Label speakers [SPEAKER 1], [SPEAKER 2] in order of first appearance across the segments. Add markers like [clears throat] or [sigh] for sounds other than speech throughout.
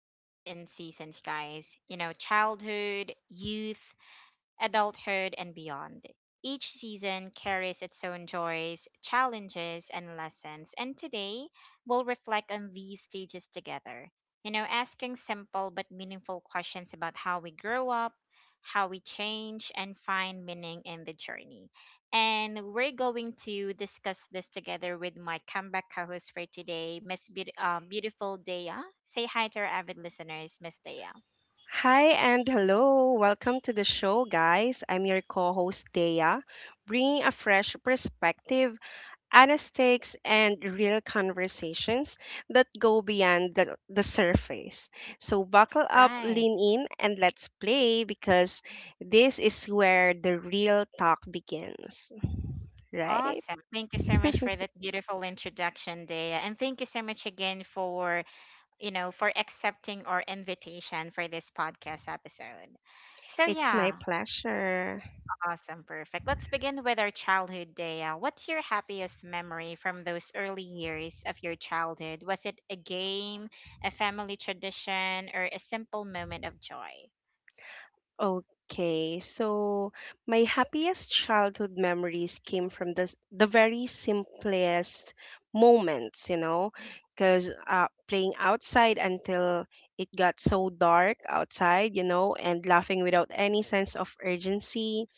[SPEAKER 1] described in seasons, guys. You know, childhood, youth, adulthood, and beyond. Each season carries its own joys, challenges, and lessons, and today we'll reflect on these stages together. You know, asking simple but meaningful questions about how we grow up, how we change, and find meaning in the journey. And we're going to discuss this together with my comeback co host for today, Beautiful Dea. Say hi to our avid listeners, Miss Dea.
[SPEAKER 2] Hi and hello. Welcome to the show, guys. I'm your co host, Dea, bringing a fresh perspective, honest takes, and real conversations that go beyond the surface. So, buckle up,
[SPEAKER 1] Right.
[SPEAKER 2] lean in, and let's play because this is where the real talk begins, right?
[SPEAKER 1] Awesome. Thank you so much for that beautiful introduction, Dea. And thank you so much again for, you know, for accepting our invitation for this podcast episode. So,
[SPEAKER 2] It's my
[SPEAKER 1] yeah,
[SPEAKER 2] pleasure.
[SPEAKER 1] awesome. Perfect. Let's begin with our childhood, Dea. What's your happiest memory from those early years of your childhood? Was it a game, a family tradition, or a simple moment of joy?
[SPEAKER 2] Okay, so my happiest childhood memories came from the very simplest moments, you know, because playing outside until it got so dark outside, you know, and laughing without any sense of urgency,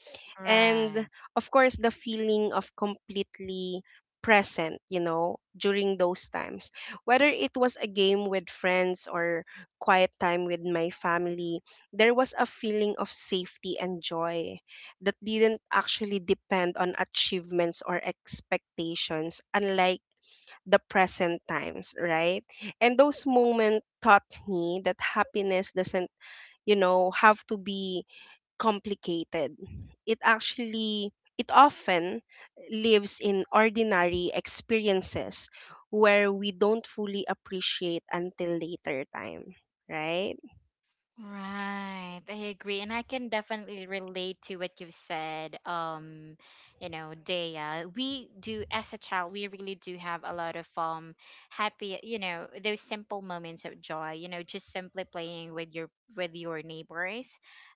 [SPEAKER 2] and
[SPEAKER 1] Right.
[SPEAKER 2] of course the feeling of completely present, you know, during those times, whether it was a game with friends or quiet time with my family, there was a feeling of safety and joy that didn't actually depend on achievements or expectations, unlike the present times, right? And those moments taught me that happiness doesn't, you know, have to be complicated. It actually it often lives in ordinary experiences where we don't fully appreciate until later time, right?
[SPEAKER 1] Right. I agree. And I can definitely relate to what you've said. You know, Dea, we do as a child, we really do have a lot of happy, you know, those simple moments of joy, you know, just simply playing with your neighbors,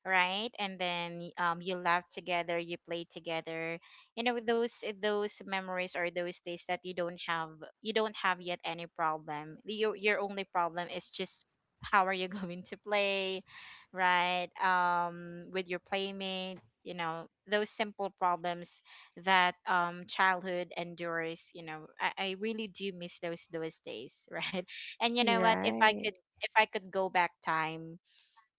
[SPEAKER 1] right? And then you laugh together, you play together. You know, those memories or those days that you don't have yet any problem. Your only problem is just how are you [laughs] going to play, right, with your playmate, you know, those simple problems that childhood endures, you know. I really do miss those days [laughs] right? And you know what, if i
[SPEAKER 2] Right.
[SPEAKER 1] could if i could go back time,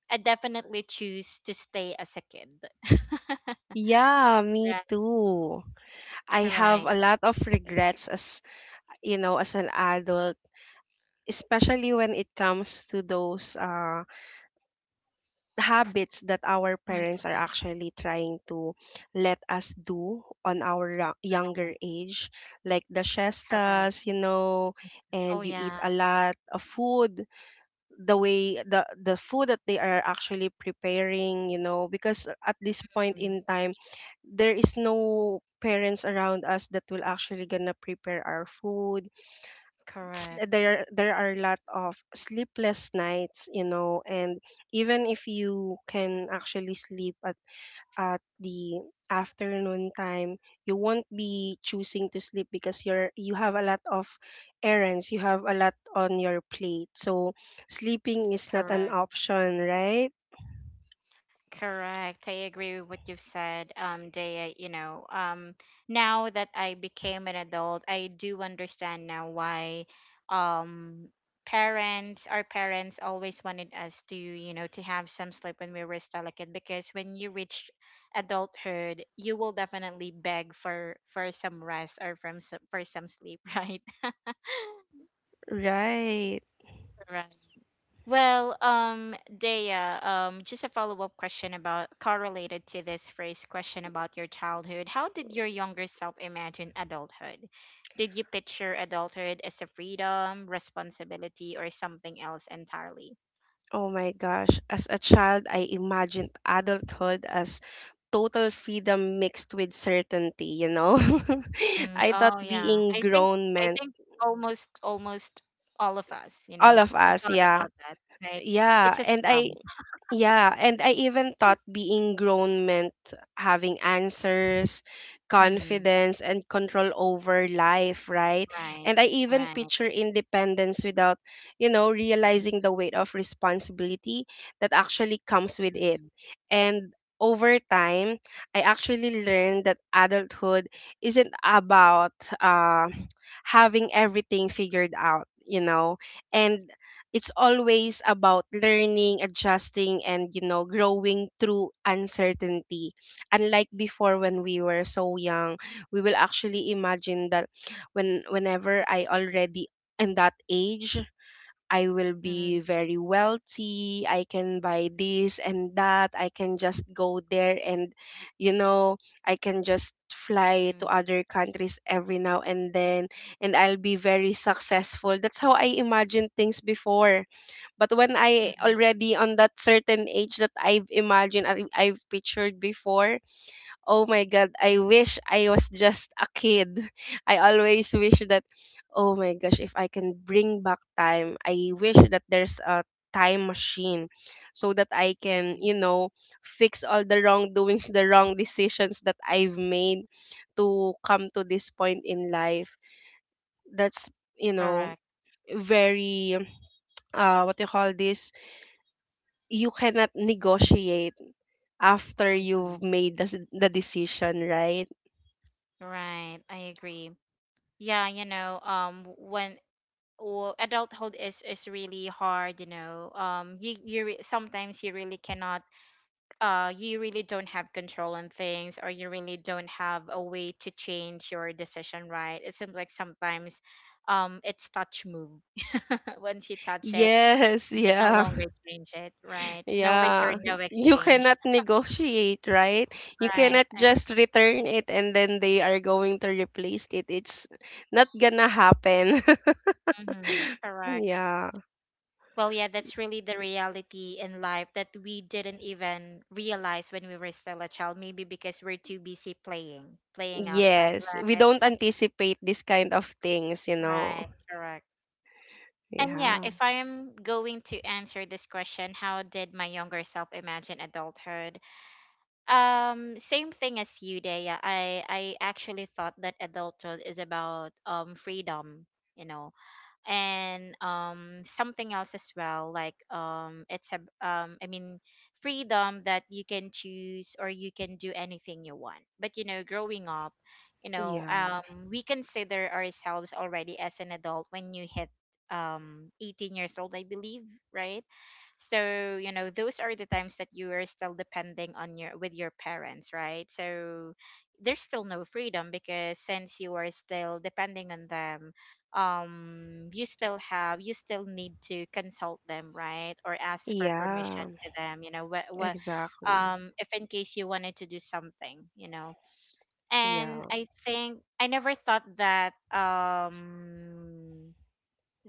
[SPEAKER 1] I definitely choose to stay as a kid. [laughs]
[SPEAKER 2] Yeah, me
[SPEAKER 1] Right.
[SPEAKER 2] too. I have
[SPEAKER 1] Right.
[SPEAKER 2] a lot of regrets as, you know, as an adult, especially when it comes to those habits that our
[SPEAKER 1] Hmm.
[SPEAKER 2] parents are actually trying to let us do on younger
[SPEAKER 1] Right.
[SPEAKER 2] age, like the
[SPEAKER 1] Correct.
[SPEAKER 2] siestas, you know, and
[SPEAKER 1] Oh
[SPEAKER 2] you eat
[SPEAKER 1] yeah.
[SPEAKER 2] a lot of food, the way the food that they are actually preparing, you know, because at this point
[SPEAKER 1] mm,
[SPEAKER 2] in time, there is no parents around us that will actually gonna prepare our food.
[SPEAKER 1] Correct.
[SPEAKER 2] There are a lot of sleepless nights, you know, and even if you can actually sleep at the afternoon time, you won't be choosing to sleep because you have a lot of errands, you have a lot on your plate, so sleeping is not an
[SPEAKER 1] Correct.
[SPEAKER 2] option, right?
[SPEAKER 1] Correct. I agree with what you've said, Dea. You know, now that I became an adult, I do understand now why, um, parents, our parents always wanted us to, you know, to have some sleep when we were still a kid, because when you reach adulthood, you will definitely beg for some rest, for some sleep, [laughs] right? [laughs]
[SPEAKER 2] Right.
[SPEAKER 1] Right. Well, Dea, just a follow-up question about correlated to this first question about your childhood. How did your younger self imagine adulthood? Did you picture adulthood as a freedom, responsibility, or something else entirely?
[SPEAKER 2] Oh my gosh. As a child, I imagined adulthood as total freedom mixed with certainty, you know? [laughs] I thought
[SPEAKER 1] Oh yeah,
[SPEAKER 2] being
[SPEAKER 1] I think
[SPEAKER 2] grown
[SPEAKER 1] I
[SPEAKER 2] meant
[SPEAKER 1] think almost all of us, you know,
[SPEAKER 2] all of us,
[SPEAKER 1] thought
[SPEAKER 2] yeah.
[SPEAKER 1] about that, right?
[SPEAKER 2] Yeah.
[SPEAKER 1] It's a
[SPEAKER 2] And I
[SPEAKER 1] slum.
[SPEAKER 2] Yeah, and I even thought
[SPEAKER 1] [laughs]
[SPEAKER 2] being grown meant having answers,
[SPEAKER 1] Mm,
[SPEAKER 2] confidence, and control over life, right?
[SPEAKER 1] right,
[SPEAKER 2] And I even
[SPEAKER 1] right.
[SPEAKER 2] picture independence without, you know, realizing the weight of responsibility that actually comes with it.
[SPEAKER 1] Mm-hmm.
[SPEAKER 2] And over time, I actually learned that adulthood isn't about uh, having everything figured out, you know, and it's always about learning, adjusting, and you know, growing through uncertainty. Unlike before when we were so young, we will actually imagine that whenever I already in that age, I will
[SPEAKER 1] Mm-hmm.
[SPEAKER 2] be very wealthy. I can buy this and that. I can just go there and, you know, I can just fly to
[SPEAKER 1] Mm-hmm.
[SPEAKER 2] other countries every now and then, and I'll be very successful. That's how I imagined things before, but when I
[SPEAKER 1] Mm-hmm.
[SPEAKER 2] already on that certain age that I've imagined, I've pictured before, oh my God, I wish I was just a kid. [laughs] I always wish that, oh my gosh, if I can bring back time, I wish that there's a time machine so that I can,
[SPEAKER 1] Mm-hmm.
[SPEAKER 2] you know, fix all the wrongdoings, [laughs] the wrong decisions that I've made to come to this point in life. That's, you know,
[SPEAKER 1] Correct.
[SPEAKER 2] very what you call this, you cannot negotiate after
[SPEAKER 1] Mm,
[SPEAKER 2] you've made the decision, right?
[SPEAKER 1] right, I agree. Yeah, you know, w- when w adulthood is really hard, you know, you you re sometimes you really cannot, you really don't have control on things, or you really don't have a way to change your decision, right? It seems like sometimes, it's touch move. [laughs] Once you touch it,
[SPEAKER 2] Yes,
[SPEAKER 1] you can no
[SPEAKER 2] yeah,
[SPEAKER 1] longer change it, right? No return,
[SPEAKER 2] yeah.
[SPEAKER 1] no
[SPEAKER 2] You
[SPEAKER 1] exchange,
[SPEAKER 2] cannot negotiate, right?
[SPEAKER 1] [laughs]
[SPEAKER 2] You
[SPEAKER 1] right?
[SPEAKER 2] cannot just return it and then they are going to replace it. It's not gonna happen.
[SPEAKER 1] Mhm,
[SPEAKER 2] [laughs]
[SPEAKER 1] Correct.
[SPEAKER 2] Yeah.
[SPEAKER 1] Well, yeah, that's really the reality in life that we didn't even realize when we were still a child, maybe because we're too busy playing, playing outside,
[SPEAKER 2] Yes, we
[SPEAKER 1] right?
[SPEAKER 2] don't anticipate this kind of things, you know.
[SPEAKER 1] Right, correct. And yeah,
[SPEAKER 2] Yeah.
[SPEAKER 1] if I am going to answer this question, how did my younger self imagine adulthood? Same thing as you, Dea. I actually thought that adulthood is about freedom, you know, and something else as well, like, it's a I mean freedom that you can choose or you can do anything you want. But you know, growing up, you know,
[SPEAKER 2] Yeah.
[SPEAKER 1] we consider ourselves already as an adult when you hit 18 years old, I believe, right? So you know, those are the times that you are still depending on your parents, right? So there's still no freedom, because since you are still depending on them, you still need to consult them, right, or ask for permission
[SPEAKER 2] Yeah.
[SPEAKER 1] to them. You know, what
[SPEAKER 2] Exactly.
[SPEAKER 1] if in case you wanted to do something, you know. And
[SPEAKER 2] Yeah.
[SPEAKER 1] I think I never thought that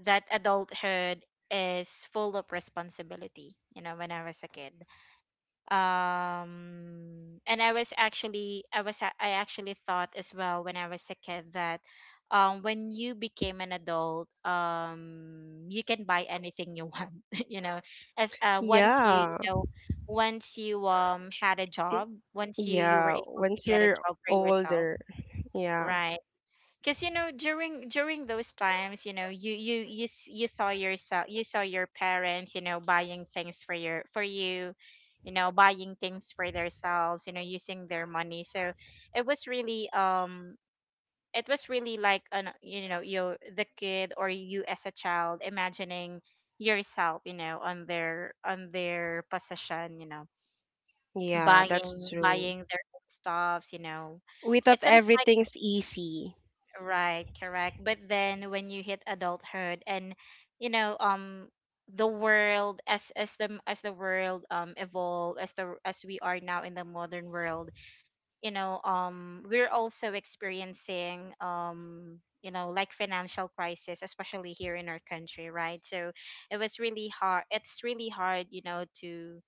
[SPEAKER 1] that adulthood is full of responsibility, you know, when I was a kid. And I was actually I was a- I actually thought as well when I was a kid that when you became an adult, you can buy anything you want. [laughs] You know, as once you, you
[SPEAKER 2] Yeah.
[SPEAKER 1] know, once you had a job, once you were
[SPEAKER 2] Yeah,
[SPEAKER 1] able to
[SPEAKER 2] once
[SPEAKER 1] get a
[SPEAKER 2] you're
[SPEAKER 1] job for yourself,
[SPEAKER 2] older. Yeah.
[SPEAKER 1] right? Because you know, during those times, you know, you saw yourself, you saw your parents, you know, buying things for your for you, you know, buying things for themselves, you know, using their money. So it was really um it was really like, an you know, you the kid or you as a child imagining yourself, you know, on their possession, you know,
[SPEAKER 2] Yeah, that's true.
[SPEAKER 1] buying their own stuffs, you know,
[SPEAKER 2] We
[SPEAKER 1] it
[SPEAKER 2] thought
[SPEAKER 1] seems.
[SPEAKER 2] everything's easy.
[SPEAKER 1] Right, correct. But then when you hit adulthood, and you know, the world as, as the world evolve, as the as we are now in the modern world, you know, we're also experiencing, you know, like financial crisis, especially here in our country, right? So it's really hard, you know,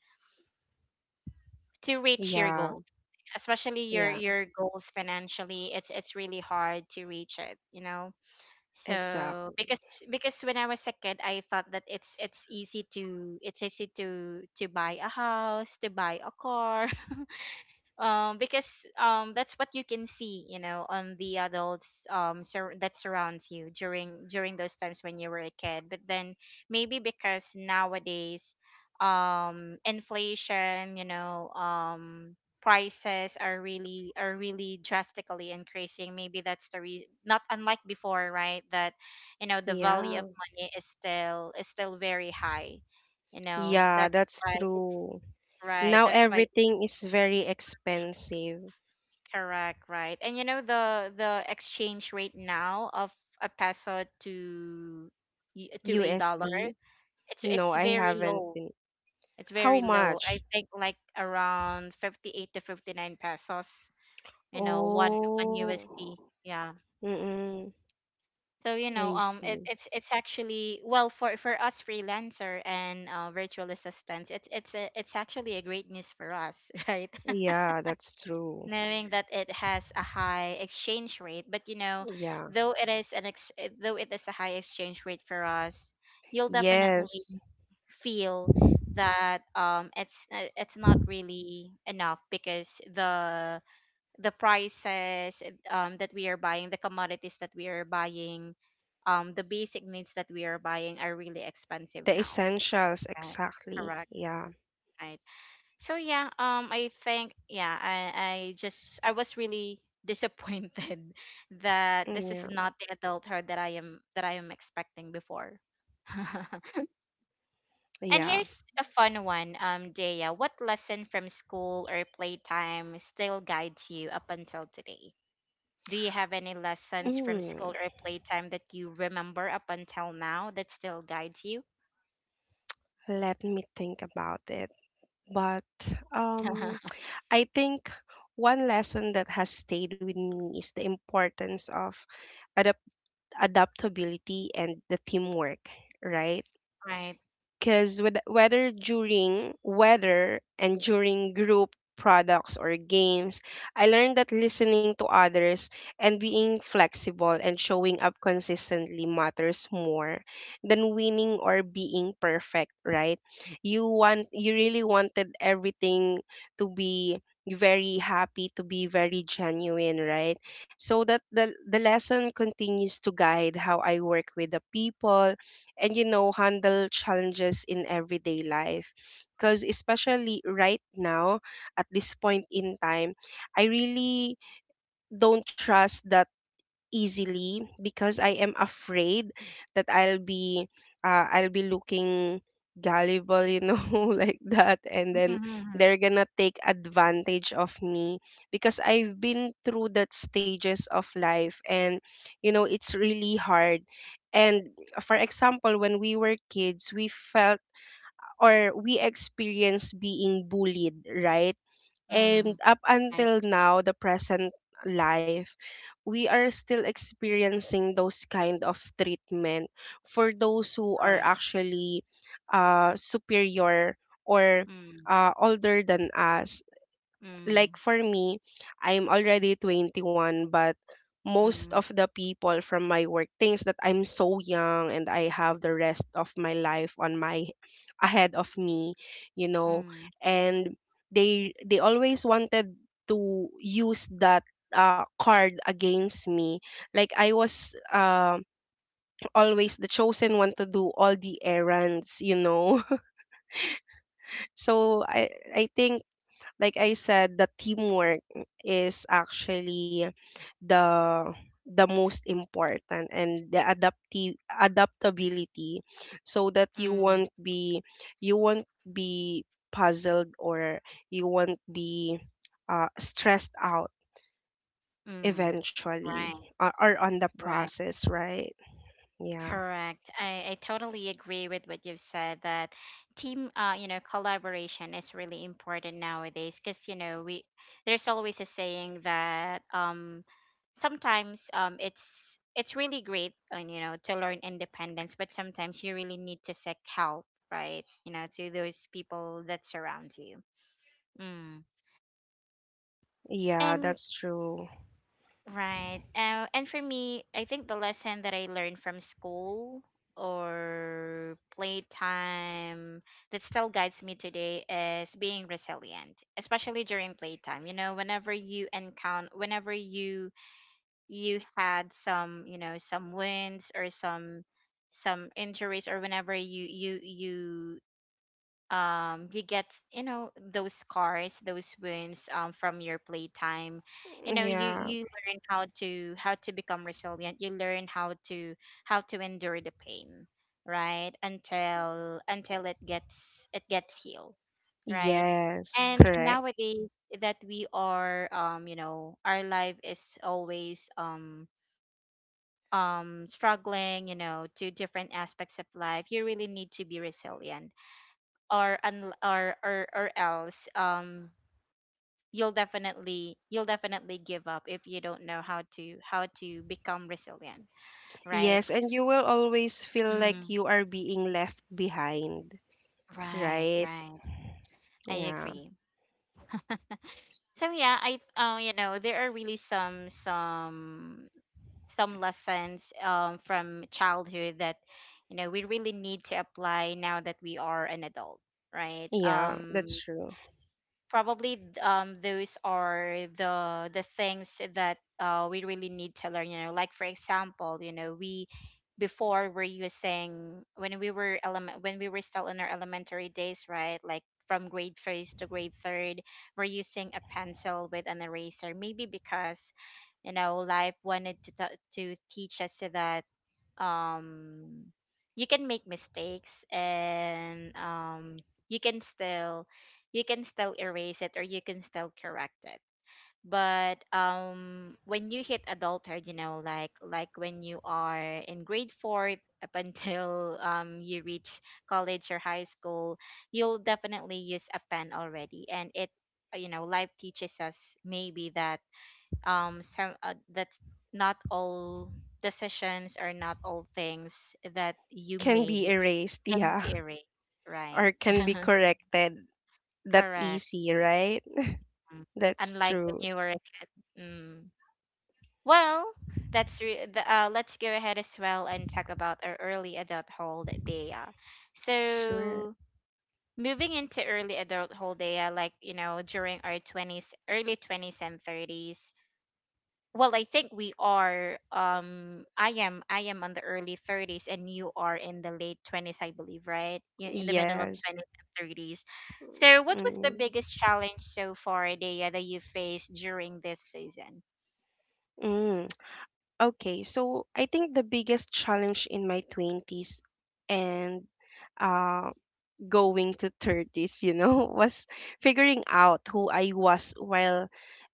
[SPEAKER 1] to reach your
[SPEAKER 2] Yeah.
[SPEAKER 1] goals, especially
[SPEAKER 2] Yeah,
[SPEAKER 1] your goals financially. It's really hard to reach it, you know,
[SPEAKER 2] exactly.
[SPEAKER 1] because when I was a kid, I thought that it's easy to buy a house, to buy a car, because that's what you can see, you know, on the adults, that surrounds you during those times when you were a kid. But then maybe because nowadays, inflation, you know, prices are really, drastically increasing. Maybe that's the reason, not unlike before, right? That you know, the value of
[SPEAKER 2] Yeah.
[SPEAKER 1] money is still, very high, you know,
[SPEAKER 2] Yeah,
[SPEAKER 1] that's
[SPEAKER 2] that's
[SPEAKER 1] why it's,
[SPEAKER 2] true.
[SPEAKER 1] right,
[SPEAKER 2] Now
[SPEAKER 1] that's why.
[SPEAKER 2] everything is very expensive.
[SPEAKER 1] Correct, right. And you know, the exchange rate now of a peso to, to a dollar,
[SPEAKER 2] USD?
[SPEAKER 1] it's
[SPEAKER 2] No,
[SPEAKER 1] it's
[SPEAKER 2] I
[SPEAKER 1] very
[SPEAKER 2] haven't.
[SPEAKER 1] low.
[SPEAKER 2] Been-
[SPEAKER 1] It's
[SPEAKER 2] How
[SPEAKER 1] very low.
[SPEAKER 2] much?
[SPEAKER 1] I think like around 58 to 59 pesos, you know, one
[SPEAKER 2] Oh.
[SPEAKER 1] USD. Yeah.
[SPEAKER 2] Mm-mm.
[SPEAKER 1] So, you know,
[SPEAKER 2] I see.
[SPEAKER 1] it's actually, well, for us freelancer and virtual assistants, it's actually a great news for us, [laughs] right?
[SPEAKER 2] Yeah, that's true.
[SPEAKER 1] Knowing that it has a high exchange rate. But you know,
[SPEAKER 2] Yeah.
[SPEAKER 1] though it is an ex- though it is a high exchange rate for us, you'll definitely
[SPEAKER 2] Yes.
[SPEAKER 1] feel that it's not really enough, because the prices, that we are buying, the commodities that we are buying, the basic needs that we are buying are really expensive
[SPEAKER 2] The
[SPEAKER 1] now.
[SPEAKER 2] essentials,
[SPEAKER 1] Right.
[SPEAKER 2] exactly.
[SPEAKER 1] Correct.
[SPEAKER 2] Yeah.
[SPEAKER 1] So yeah, I think, yeah, I just I was really disappointed [laughs] that
[SPEAKER 2] mm,
[SPEAKER 1] this
[SPEAKER 2] Yeah.
[SPEAKER 1] is not the adulthood that I am expecting before. [laughs] And
[SPEAKER 2] Yeah.
[SPEAKER 1] here's a fun one, Dea. What lesson from school or playtime still guides you up until today? Do you have any lessons from
[SPEAKER 2] Mm,
[SPEAKER 1] school or playtime that you remember up until now that still guides you?
[SPEAKER 2] let me think about it. But um,
[SPEAKER 1] [laughs]
[SPEAKER 2] I think one lesson that has stayed with me is the importance of adapt adaptability and the teamwork, right?
[SPEAKER 1] Right. [laughs]
[SPEAKER 2] Because whether during whether and during group products or games, I learned that listening to others and being flexible and showing up consistently matters more than winning or being perfect, right? You really wanted everything to be very happy, to be very genuine, right? So that the lesson continues to guide how I work with the people and, you know, handle challenges in everyday life, because especially right now, at this point in time, I really don't trust that easily because I am afraid that I'll be looking gullible, you know, [laughs] like that, and then they're gonna take advantage of me because I've been through that stages of life, and you know, it's really hard. And for example, when we were kids, we felt or we experienced being bullied, right? And
[SPEAKER 1] Mm-hmm.
[SPEAKER 2] up
[SPEAKER 1] Right.
[SPEAKER 2] until now, the present life, we are still experiencing those kind of treatment for those who are
[SPEAKER 1] Correct.
[SPEAKER 2] actually superior or older than us. Like
[SPEAKER 1] Mm-hmm.
[SPEAKER 2] for me, I'm already 21, but most of
[SPEAKER 1] Mm,
[SPEAKER 2] the people from my work thinks that I'm so young and I have the rest of my life on my ahead of me, you know.
[SPEAKER 1] mm,
[SPEAKER 2] And they always wanted to use that card against me. Like I was [clears throat] always the chosen one to do all the errands, you know. [laughs] So I think, like I said, the teamwork is actually the the most important, and the adaptive adaptability, so that
[SPEAKER 1] mm,
[SPEAKER 2] you won't be puzzled or you won't be stressed out
[SPEAKER 1] mm.
[SPEAKER 2] eventually
[SPEAKER 1] Right,
[SPEAKER 2] or on the
[SPEAKER 1] right.
[SPEAKER 2] process, right? Yeah.
[SPEAKER 1] Correct. I totally agree with what you've said that team, you know, collaboration is really important nowadays, because, you know, we there's always a saying that sometimes it's really great, and you know, to learn independence, but sometimes you really need to seek help, right? You know, to those people that surround you. Mm.
[SPEAKER 2] Yeah,
[SPEAKER 1] And
[SPEAKER 2] that's true.
[SPEAKER 1] right. And for me, I think the lesson that I learned from school or playtime that still guides me today is being resilient, especially during playtime. You know, whenever you encounter, whenever you had some, you know, some wins, or some injuries, or whenever you you get, you know, those scars, those wounds, from your playtime. You know, you
[SPEAKER 2] Yeah.
[SPEAKER 1] you learn how to become resilient. You learn how to endure the pain, right, until it gets, it gets healed, right.
[SPEAKER 2] Yes,
[SPEAKER 1] And
[SPEAKER 2] correct.
[SPEAKER 1] nowadays that we are, you know, our life is always, struggling, you know, to different aspects of life. You really need to be resilient, or or else, you'll definitely, you'll definitely give up if you don't know how to become resilient, right.
[SPEAKER 2] Yes, and you will always feel
[SPEAKER 1] Mm.
[SPEAKER 2] like you are being left behind,
[SPEAKER 1] Right,
[SPEAKER 2] right?
[SPEAKER 1] right. I
[SPEAKER 2] Yeah.
[SPEAKER 1] agree. So yeah, I you know, there are really some lessons, from childhood that, you know, we really need to apply now that we are an adult, right.
[SPEAKER 2] Yeah, that's true.
[SPEAKER 1] Probably, those are the things that, we really need to learn, you know, like for example, you know, we before we're using when we were element when we were still in our elementary days, right, like from grade first to grade third, we're using a pencil with an eraser, maybe because, you know, life wanted to teach us that, um you can make mistakes, and, you can still, you can still erase it, or you can still correct it. But, when you hit adulthood, you know, like, when you are in grade 4 up until, you reach college or high school, you'll definitely use a pen already. And it you know, life teaches us maybe that, some that's not all decisions, or not all things that you
[SPEAKER 2] Can be
[SPEAKER 1] made
[SPEAKER 2] erased,
[SPEAKER 1] can be
[SPEAKER 2] yeah,
[SPEAKER 1] erased,
[SPEAKER 2] [laughs]
[SPEAKER 1] right.
[SPEAKER 2] or can be
[SPEAKER 1] [laughs]
[SPEAKER 2] corrected that
[SPEAKER 1] Correct.
[SPEAKER 2] easy, right?
[SPEAKER 1] Mm.
[SPEAKER 2] That's
[SPEAKER 1] Unlike when
[SPEAKER 2] true.
[SPEAKER 1] you were a kid. Mm. Well, let's go ahead as well and talk about our early adulthood, Daya.
[SPEAKER 2] Sure.
[SPEAKER 1] So, moving into early adulthood, Daya, like, you know, during our 20s, early 20s and 30s. Well, I think we are, I am on the early 30s, and you are in the late 20s, I believe, right? You in the middle of
[SPEAKER 2] Yes.
[SPEAKER 1] 20s and 30s. So what was the
[SPEAKER 2] Mm.
[SPEAKER 1] biggest challenge so far, Dea, that you faced during this season?
[SPEAKER 2] Mm. Okay, so I think the biggest challenge in my 20s and uh going to 30s, you know, [laughs] was figuring out who I was while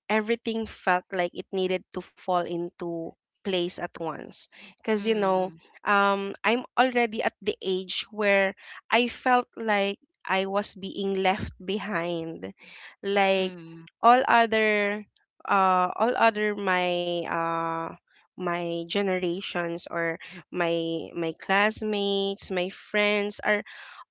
[SPEAKER 2] everything felt like it needed to fall into place at once, because you
[SPEAKER 1] Mm.
[SPEAKER 2] know, um, I'm already at the age where I felt like I was being left behind, like
[SPEAKER 1] Mm.
[SPEAKER 2] all other all other my my generations or my classmates, my friends, are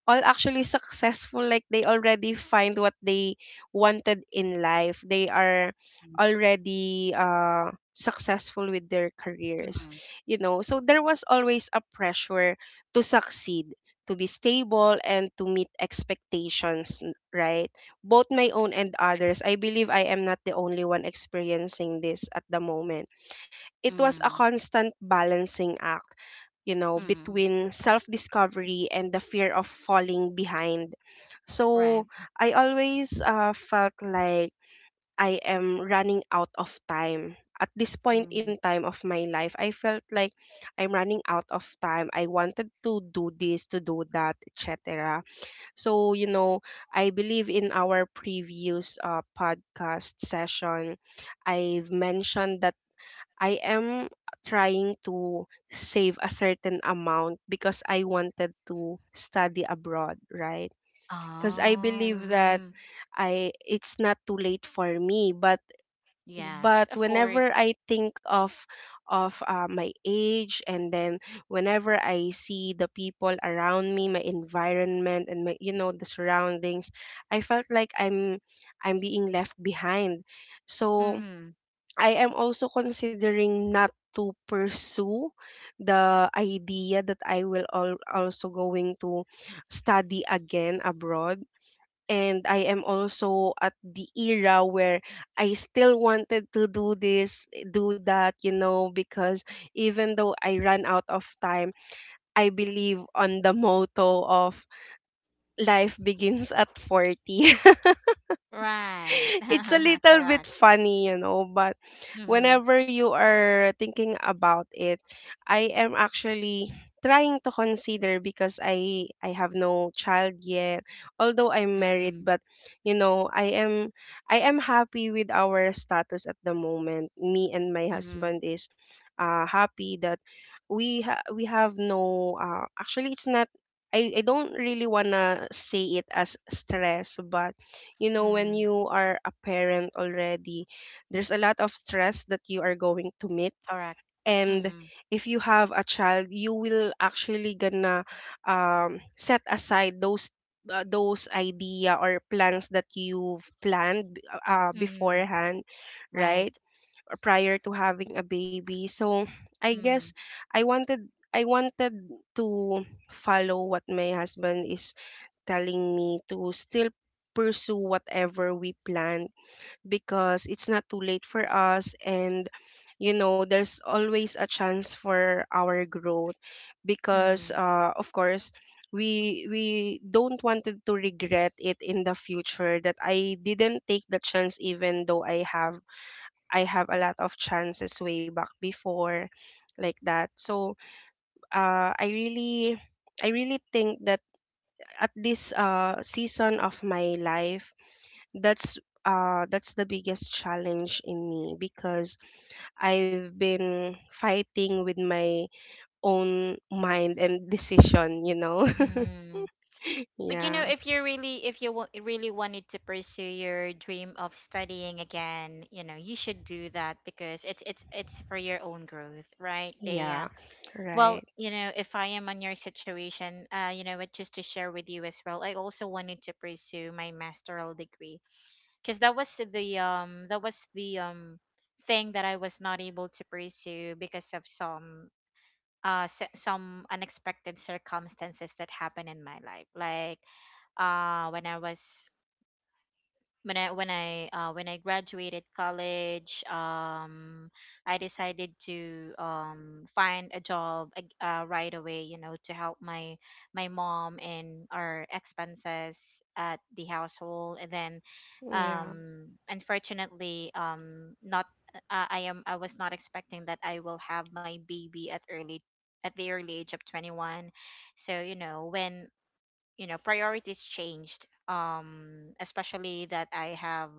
[SPEAKER 2] all actually successful, like they already find what they wanted in life. They are
[SPEAKER 1] Mm.
[SPEAKER 2] already successful with their careers,
[SPEAKER 1] Mm.
[SPEAKER 2] you know, so there was always a pressure to succeed, to be stable, and to meet expectations, right? Both my own and others. I believe I am not the only one experiencing this at the moment. It was a
[SPEAKER 1] Mm.
[SPEAKER 2] constant balancing act, you know,
[SPEAKER 1] Mm.
[SPEAKER 2] between self discovery and the fear of falling behind.
[SPEAKER 1] Right.
[SPEAKER 2] So I always felt like I am running out of time. At this point in
[SPEAKER 1] Mm.
[SPEAKER 2] time of my life, I felt like I'm running out of time. I wanted to do this, to do that, etc. So, you know, I believe in our previous podcast session, I've mentioned that I am trying to save a certain amount because I wanted to study abroad, right? Because I
[SPEAKER 1] Oh.
[SPEAKER 2] believe that
[SPEAKER 1] Mm.
[SPEAKER 2] I it's not too late for me,
[SPEAKER 1] Yes,
[SPEAKER 2] but
[SPEAKER 1] of
[SPEAKER 2] whenever
[SPEAKER 1] course.
[SPEAKER 2] I think of my age, and then whenever I see the people around me, my environment and my, you know, the surroundings, I felt like I'm being left behind. So
[SPEAKER 1] Mm.
[SPEAKER 2] I am also considering not to pursue the idea that also going to study again abroad. And I am also at the era where I still wanted to do this, do that, you know, because even though I ran out of time, I believe on the motto of life begins at 40. [laughs]
[SPEAKER 1] Right.
[SPEAKER 2] [laughs] It's a
[SPEAKER 1] [laughs]
[SPEAKER 2] little
[SPEAKER 1] Correct.
[SPEAKER 2] bit funny, you know, but
[SPEAKER 1] Mm.
[SPEAKER 2] whenever you are thinking about it, I am actually trying to consider because I have no child yet. Although I'm married,
[SPEAKER 1] Mm.
[SPEAKER 2] but you know, I am happy with our status at the moment. Me and my
[SPEAKER 1] Mm.
[SPEAKER 2] husband is happy that we have no actually it's not I don't really wanna say it as stress, but you know when
[SPEAKER 1] Mm.
[SPEAKER 2] you are a parent already there's a lot of stress that you are going to meet.
[SPEAKER 1] Correct.
[SPEAKER 2] And
[SPEAKER 1] Mm-hmm.
[SPEAKER 2] if you have a child you will actually gonna set aside those idea or plans that you've planned
[SPEAKER 1] Mm-hmm.
[SPEAKER 2] beforehand,
[SPEAKER 1] Right.
[SPEAKER 2] right? Or prior to having a baby, so I guess
[SPEAKER 1] Mm.
[SPEAKER 2] i wanted I wanted to follow what my husband is telling me to still pursue whatever we plan, because it's not too late for us. And you know there's always a chance for our growth, because
[SPEAKER 1] Mm-hmm.
[SPEAKER 2] of course we don't wanted to regret it in the future that I didn't take the chance, even though I have a lot of chances way back before, like that. So uh, I really I really think that at this season of my life, that's that's the biggest challenge in me, because I've been fighting with my own mind and decision, you know.
[SPEAKER 1] Mm-hmm.
[SPEAKER 2] [laughs]
[SPEAKER 1] But you know,
[SPEAKER 2] Yeah.
[SPEAKER 1] if you really, if you wa- really wanted to pursue your dream of studying again, you know, you should do that because it's for your own growth, right?
[SPEAKER 2] Yeah.
[SPEAKER 1] Well,
[SPEAKER 2] Right.
[SPEAKER 1] you know, if I am on your situation, you know, what just to share with you as well, I also wanted to pursue my masteral degree, because that was the thing that I was not able to pursue because of some, s some unexpected circumstances that happened in my life, like, when I was when I when I when I graduated college, I decided to, find a job, right away. You know, to help my mom, and our expenses at the household. And then,
[SPEAKER 2] Yeah.
[SPEAKER 1] unfortunately, not I was not expecting that I will have my baby at the early age of 21. So you know, when, you know, priorities changed, especially that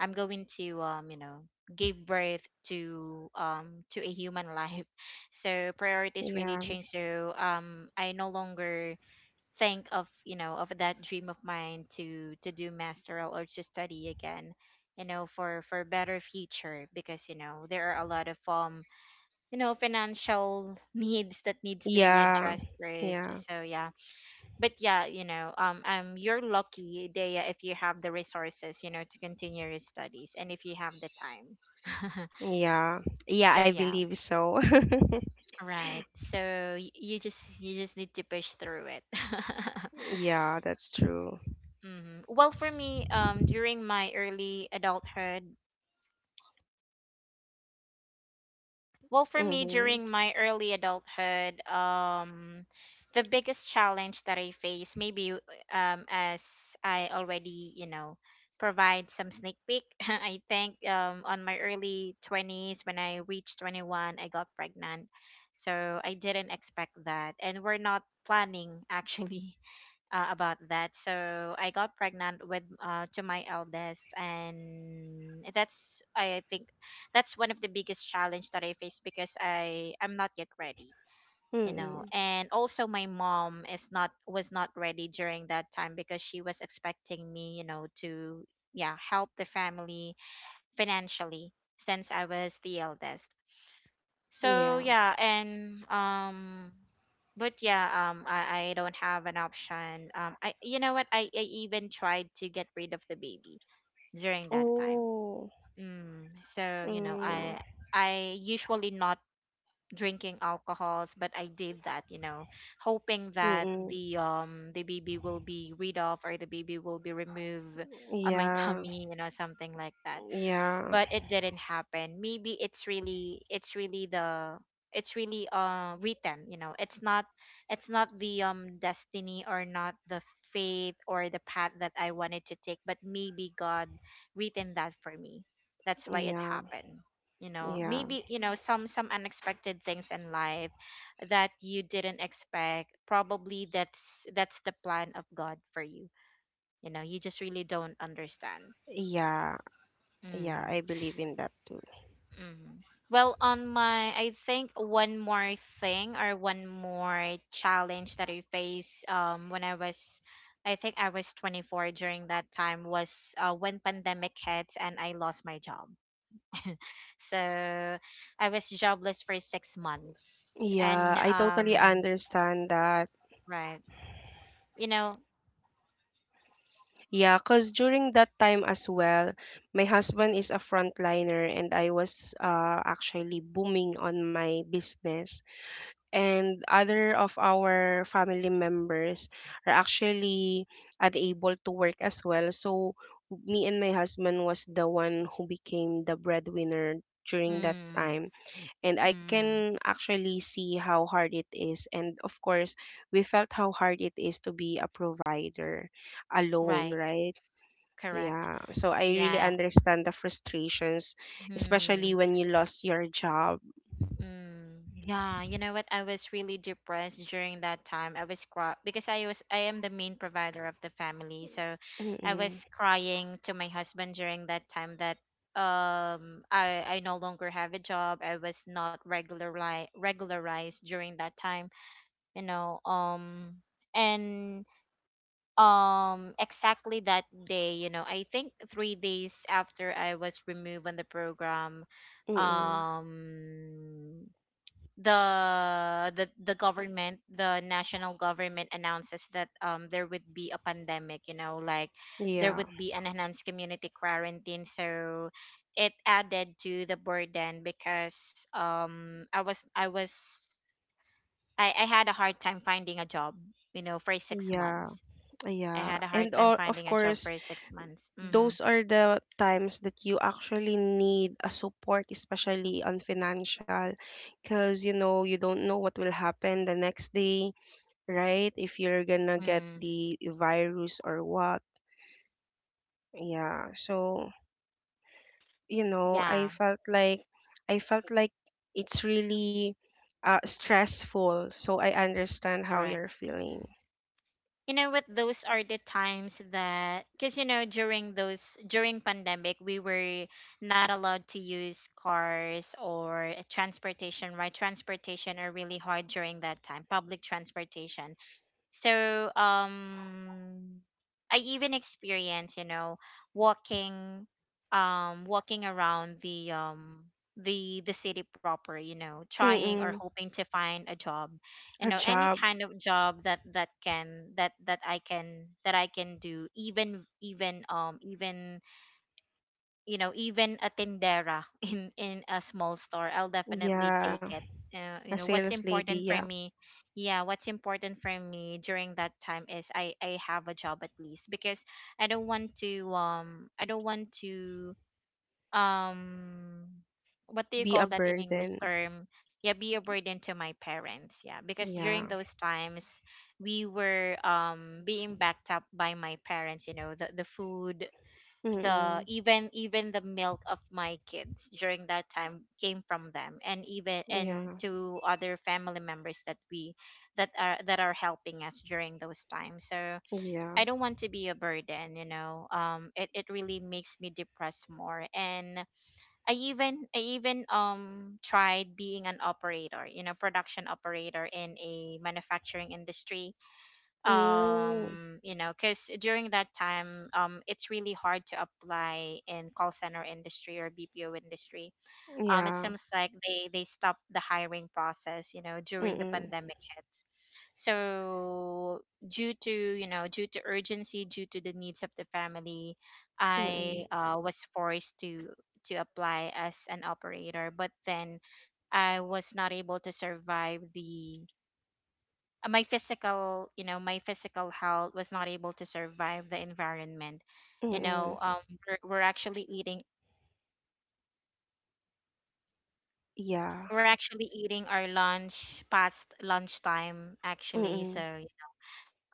[SPEAKER 1] I'm going to, you know, give birth to, to a human life. [laughs] So priorities really
[SPEAKER 2] Yeah.
[SPEAKER 1] change, so, I no longer think of, you know, of that dream of mine to do masteral, or to study again, you know, for better future, because you know there are a lot of, you know, financial [laughs] needs that needs to be
[SPEAKER 2] Yeah.
[SPEAKER 1] addressed first,
[SPEAKER 2] Yeah.
[SPEAKER 1] so yeah. But yeah, you know, you're lucky, Dea, if you have the resources, you know, to continue your studies, and if you have the time. [laughs]
[SPEAKER 2] Yeah. Yeah,
[SPEAKER 1] So
[SPEAKER 2] I
[SPEAKER 1] yeah,
[SPEAKER 2] believe so.
[SPEAKER 1] right. So you just need to push through it.
[SPEAKER 2] [laughs]
[SPEAKER 1] [laughs]
[SPEAKER 2] Yeah, that's true.
[SPEAKER 1] Hmm. Well, for me, during my early adulthood, well, for me,
[SPEAKER 2] Mhm.
[SPEAKER 1] during my early adulthood, the biggest challenge that I face, maybe, as I already, you know, provide some sneak peek, [laughs] I think, on my early 20s, when I reached 21, I got pregnant. So I didn't expect that, and we're not planning, [laughs] actually, about that. So I got pregnant with, to my eldest, and that's I think that's one of the biggest challenge that I face because I'm not yet ready, you know.
[SPEAKER 2] Mm.
[SPEAKER 1] And also my mom is not was not ready during that time because she was expecting me, you know, to, yeah, help the family financially, since I was the eldest. So
[SPEAKER 2] Yeah.
[SPEAKER 1] yeah, and but yeah, I don't have an option. I, you know what? I even tried to get rid of the baby during that time.
[SPEAKER 2] Oh.
[SPEAKER 1] Mm, so, you know,
[SPEAKER 2] Mm.
[SPEAKER 1] I usually not drinking alcohols, but I did that, you know, hoping that
[SPEAKER 2] Mm.
[SPEAKER 1] the baby will be rid of, or the baby will be removed on my [laughs]
[SPEAKER 2] Yeah,
[SPEAKER 1] tummy, you know, something like that.
[SPEAKER 2] yeah,
[SPEAKER 1] But it didn't happen, maybe it's really written, you know. It's not the, destiny, or not the faith, or the path that I wanted to take, but maybe God written that for me, that's
[SPEAKER 2] [laughs]
[SPEAKER 1] why it
[SPEAKER 2] yeah,
[SPEAKER 1] happened. You know,
[SPEAKER 2] yeah,
[SPEAKER 1] maybe, you know, some unexpected things in life that you didn't expect, probably that's the plan of God for you, you know, you just really don't understand.
[SPEAKER 2] yeah, yeah.
[SPEAKER 1] Mm.
[SPEAKER 2] I believe in that too.
[SPEAKER 1] Mm. Well, on my, I think one more thing, or one more challenge that I faced, when I was, I think I was 24 during that time, was, when pandemic hit and I lost my job. [laughs] So I was jobless for 6 months.
[SPEAKER 2] Yeah,
[SPEAKER 1] And,
[SPEAKER 2] I totally understand that.
[SPEAKER 1] right, you know.
[SPEAKER 2] Yeah, because during that time as well, my husband is a frontliner and I was actually booming on my business. And other of our family members are actually unable to work as well. So me and my husband was the one who became the breadwinner during that
[SPEAKER 1] Mm.
[SPEAKER 2] time, and I
[SPEAKER 1] Mm.
[SPEAKER 2] can actually see how hard it is. And of course, we felt how hard it is to be a provider alone,
[SPEAKER 1] Right,
[SPEAKER 2] right?
[SPEAKER 1] correct.
[SPEAKER 2] Yeah. So I really
[SPEAKER 1] Yeah.
[SPEAKER 2] understand the frustrations,
[SPEAKER 1] Hmm.
[SPEAKER 2] especially when you lost your job.
[SPEAKER 1] Mm, yeah, you know what? I was really depressed during that time. I was cry, because I am the main provider of the family, so I
[SPEAKER 2] Mm-mm,
[SPEAKER 1] was crying to my husband during that time that, I no longer have a job. I was not regularized during that time, you know. And, exactly that day, you know, I think 3 days after I was removed on the program,
[SPEAKER 2] mm-mm.
[SPEAKER 1] um the national government announces that, there would be a pandemic, you know, like there
[SPEAKER 2] Yeah.
[SPEAKER 1] would be an enhanced community quarantine, so it added to the burden because, I was I was I had a hard time finding a job, you know, for 6
[SPEAKER 2] Yeah.
[SPEAKER 1] months. I
[SPEAKER 2] Yeah.
[SPEAKER 1] had a hard
[SPEAKER 2] And
[SPEAKER 1] time
[SPEAKER 2] o- of
[SPEAKER 1] finding a job
[SPEAKER 2] course,
[SPEAKER 1] for 6 months. Mhm.
[SPEAKER 2] those are the times that you actually need a support, especially on financial, because you know you don't know what will happen the next day, right? If you're gonna get
[SPEAKER 1] Mm.
[SPEAKER 2] the virus or what. Yeah. So, you know, I
[SPEAKER 1] Yeah,
[SPEAKER 2] felt like I felt like it's really stressful. So I understand how
[SPEAKER 1] correct.
[SPEAKER 2] you're feeling.
[SPEAKER 1] You know what, those are the times that, because, you know, during pandemic we were not allowed to use cars or transportation, right? Transportation are really hard during that time, public transportation. So, I even experienced, you know, walking, walking around the city proper, you know, trying or
[SPEAKER 2] Mm-mm.
[SPEAKER 1] hoping to find a job. You
[SPEAKER 2] A
[SPEAKER 1] know, any
[SPEAKER 2] job.
[SPEAKER 1] kind of job that that can that that I can do, even, even, you know, even a tindera [laughs] in a small store, I'll definitely take
[SPEAKER 2] Yeah.
[SPEAKER 1] it. You
[SPEAKER 2] A
[SPEAKER 1] know what's
[SPEAKER 2] sales lady.
[SPEAKER 1] important for
[SPEAKER 2] Yeah.
[SPEAKER 1] me, yeah, what's important for me during that time is I have a job at least, because I don't want to, um what do you
[SPEAKER 2] Be
[SPEAKER 1] call
[SPEAKER 2] a
[SPEAKER 1] that in english
[SPEAKER 2] burden.
[SPEAKER 1] term? Yeah, be a burden to my parents. Yeah, because during
[SPEAKER 2] Yeah.
[SPEAKER 1] those times we were, being backed up by my parents, you know, the food, the,
[SPEAKER 2] Mm-mm.
[SPEAKER 1] even even the milk of my kids during that time came from them, and
[SPEAKER 2] Yeah.
[SPEAKER 1] to other family members that we that are helping us during those times, so
[SPEAKER 2] Yeah.
[SPEAKER 1] I don't want to be a burden, you know, it really makes me depressed more. And I even, tried being an operator, you know, production operator in a manufacturing industry.
[SPEAKER 2] Mm.
[SPEAKER 1] You know, because during that time, it's really hard to apply in call center industry, or bpo industry. It
[SPEAKER 2] Yeah.
[SPEAKER 1] seems like they stopped the hiring process, you know, during the
[SPEAKER 2] Mm-mm.
[SPEAKER 1] pandemic hits. So, due to urgency, due to the needs of the family, I,
[SPEAKER 2] Mm-mm.
[SPEAKER 1] was forced to apply as an operator. But then I was not able to survive the my physical, you know, my physical health was not able to survive the environment, you know,
[SPEAKER 2] Mm-mm.
[SPEAKER 1] we're actually eating,
[SPEAKER 2] Yeah.
[SPEAKER 1] we're actually eating our lunch past lunchtime actually, so,
[SPEAKER 2] Mm-mm.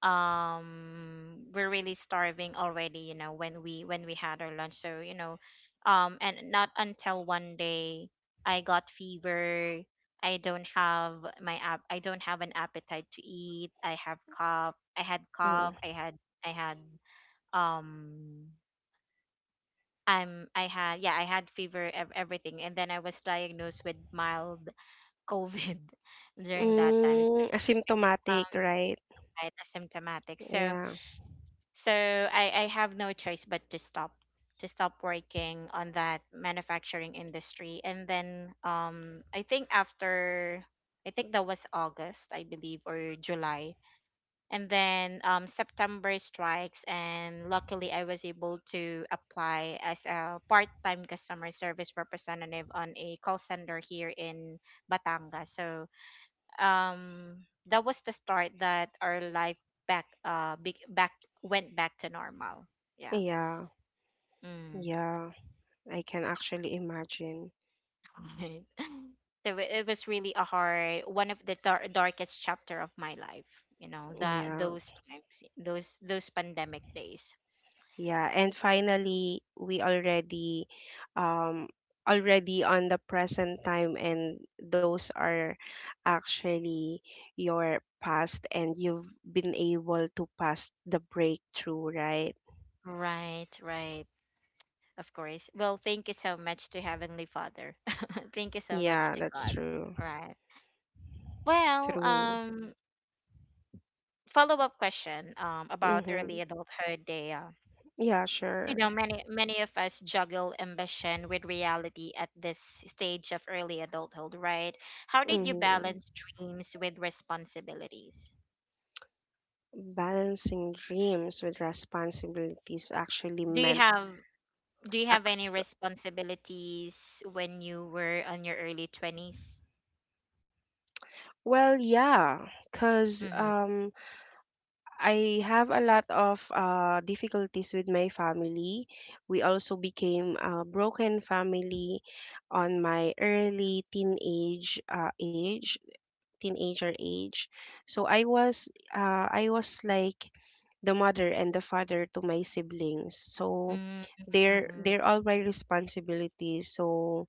[SPEAKER 1] we're really starving already, you know, when we had our lunch. So, you know, and not until one day, I got fever. I don't have an appetite to eat, I have cough,
[SPEAKER 2] Mm-mm.
[SPEAKER 1] I had um I had, yeah, I had fever, everything, and then I was diagnosed with mild covid. [laughs] During that time, it's
[SPEAKER 2] Hmm,
[SPEAKER 1] like, um,
[SPEAKER 2] asymptomatic, right?
[SPEAKER 1] right, asymptomatic, so
[SPEAKER 2] Yeah.
[SPEAKER 1] so I have no choice but to stop, to stop working on that manufacturing industry. And then, I think that was august, I believe, or july. And then, September strikes, and luckily I was able to apply as a part-time customer service representative on a call center here in Batangas. So, that was the start that our life, back went back to normal. Yeah.
[SPEAKER 2] Yeah.
[SPEAKER 1] Mm.
[SPEAKER 2] Yeah. I can actually imagine.
[SPEAKER 1] [laughs] Right. So it was really a hard, one of the darkest chapter of my life. You know that
[SPEAKER 2] Yeah.
[SPEAKER 1] those times, those pandemic days.
[SPEAKER 2] Yeah. And finally, we already um already on the present time, and those are actually your past, and you've been able to pass the breakthrough, right?
[SPEAKER 1] Right, right. Of course. Well, thank you so much to Heavenly Father. [laughs] Thank you so much
[SPEAKER 2] Yeah,
[SPEAKER 1] to
[SPEAKER 2] that's
[SPEAKER 1] God.
[SPEAKER 2] true.
[SPEAKER 1] Right. Well,
[SPEAKER 2] True.
[SPEAKER 1] follow up question about
[SPEAKER 2] Mm-hmm.
[SPEAKER 1] early adulthood, Dea.
[SPEAKER 2] Yeah,
[SPEAKER 1] you
[SPEAKER 2] sure.
[SPEAKER 1] know, many many of us juggle ambition with reality at this stage of early adulthood, right? How did you
[SPEAKER 2] Mm-hmm.
[SPEAKER 1] balance dreams with responsibilities?
[SPEAKER 2] Balancing dreams with responsibilities actually
[SPEAKER 1] Do you
[SPEAKER 2] meant
[SPEAKER 1] have do you have any
[SPEAKER 2] accept.
[SPEAKER 1] responsibilities when you were on your early 20s?
[SPEAKER 2] Well, yeah, because I have a lot of difficulties with my family. We also became a broken family on my early teenage age, teenager age. So I was like the mother and the father to my siblings. So
[SPEAKER 1] Hmm, mm,
[SPEAKER 2] they're
[SPEAKER 1] mm,
[SPEAKER 2] they're all my responsibilities. So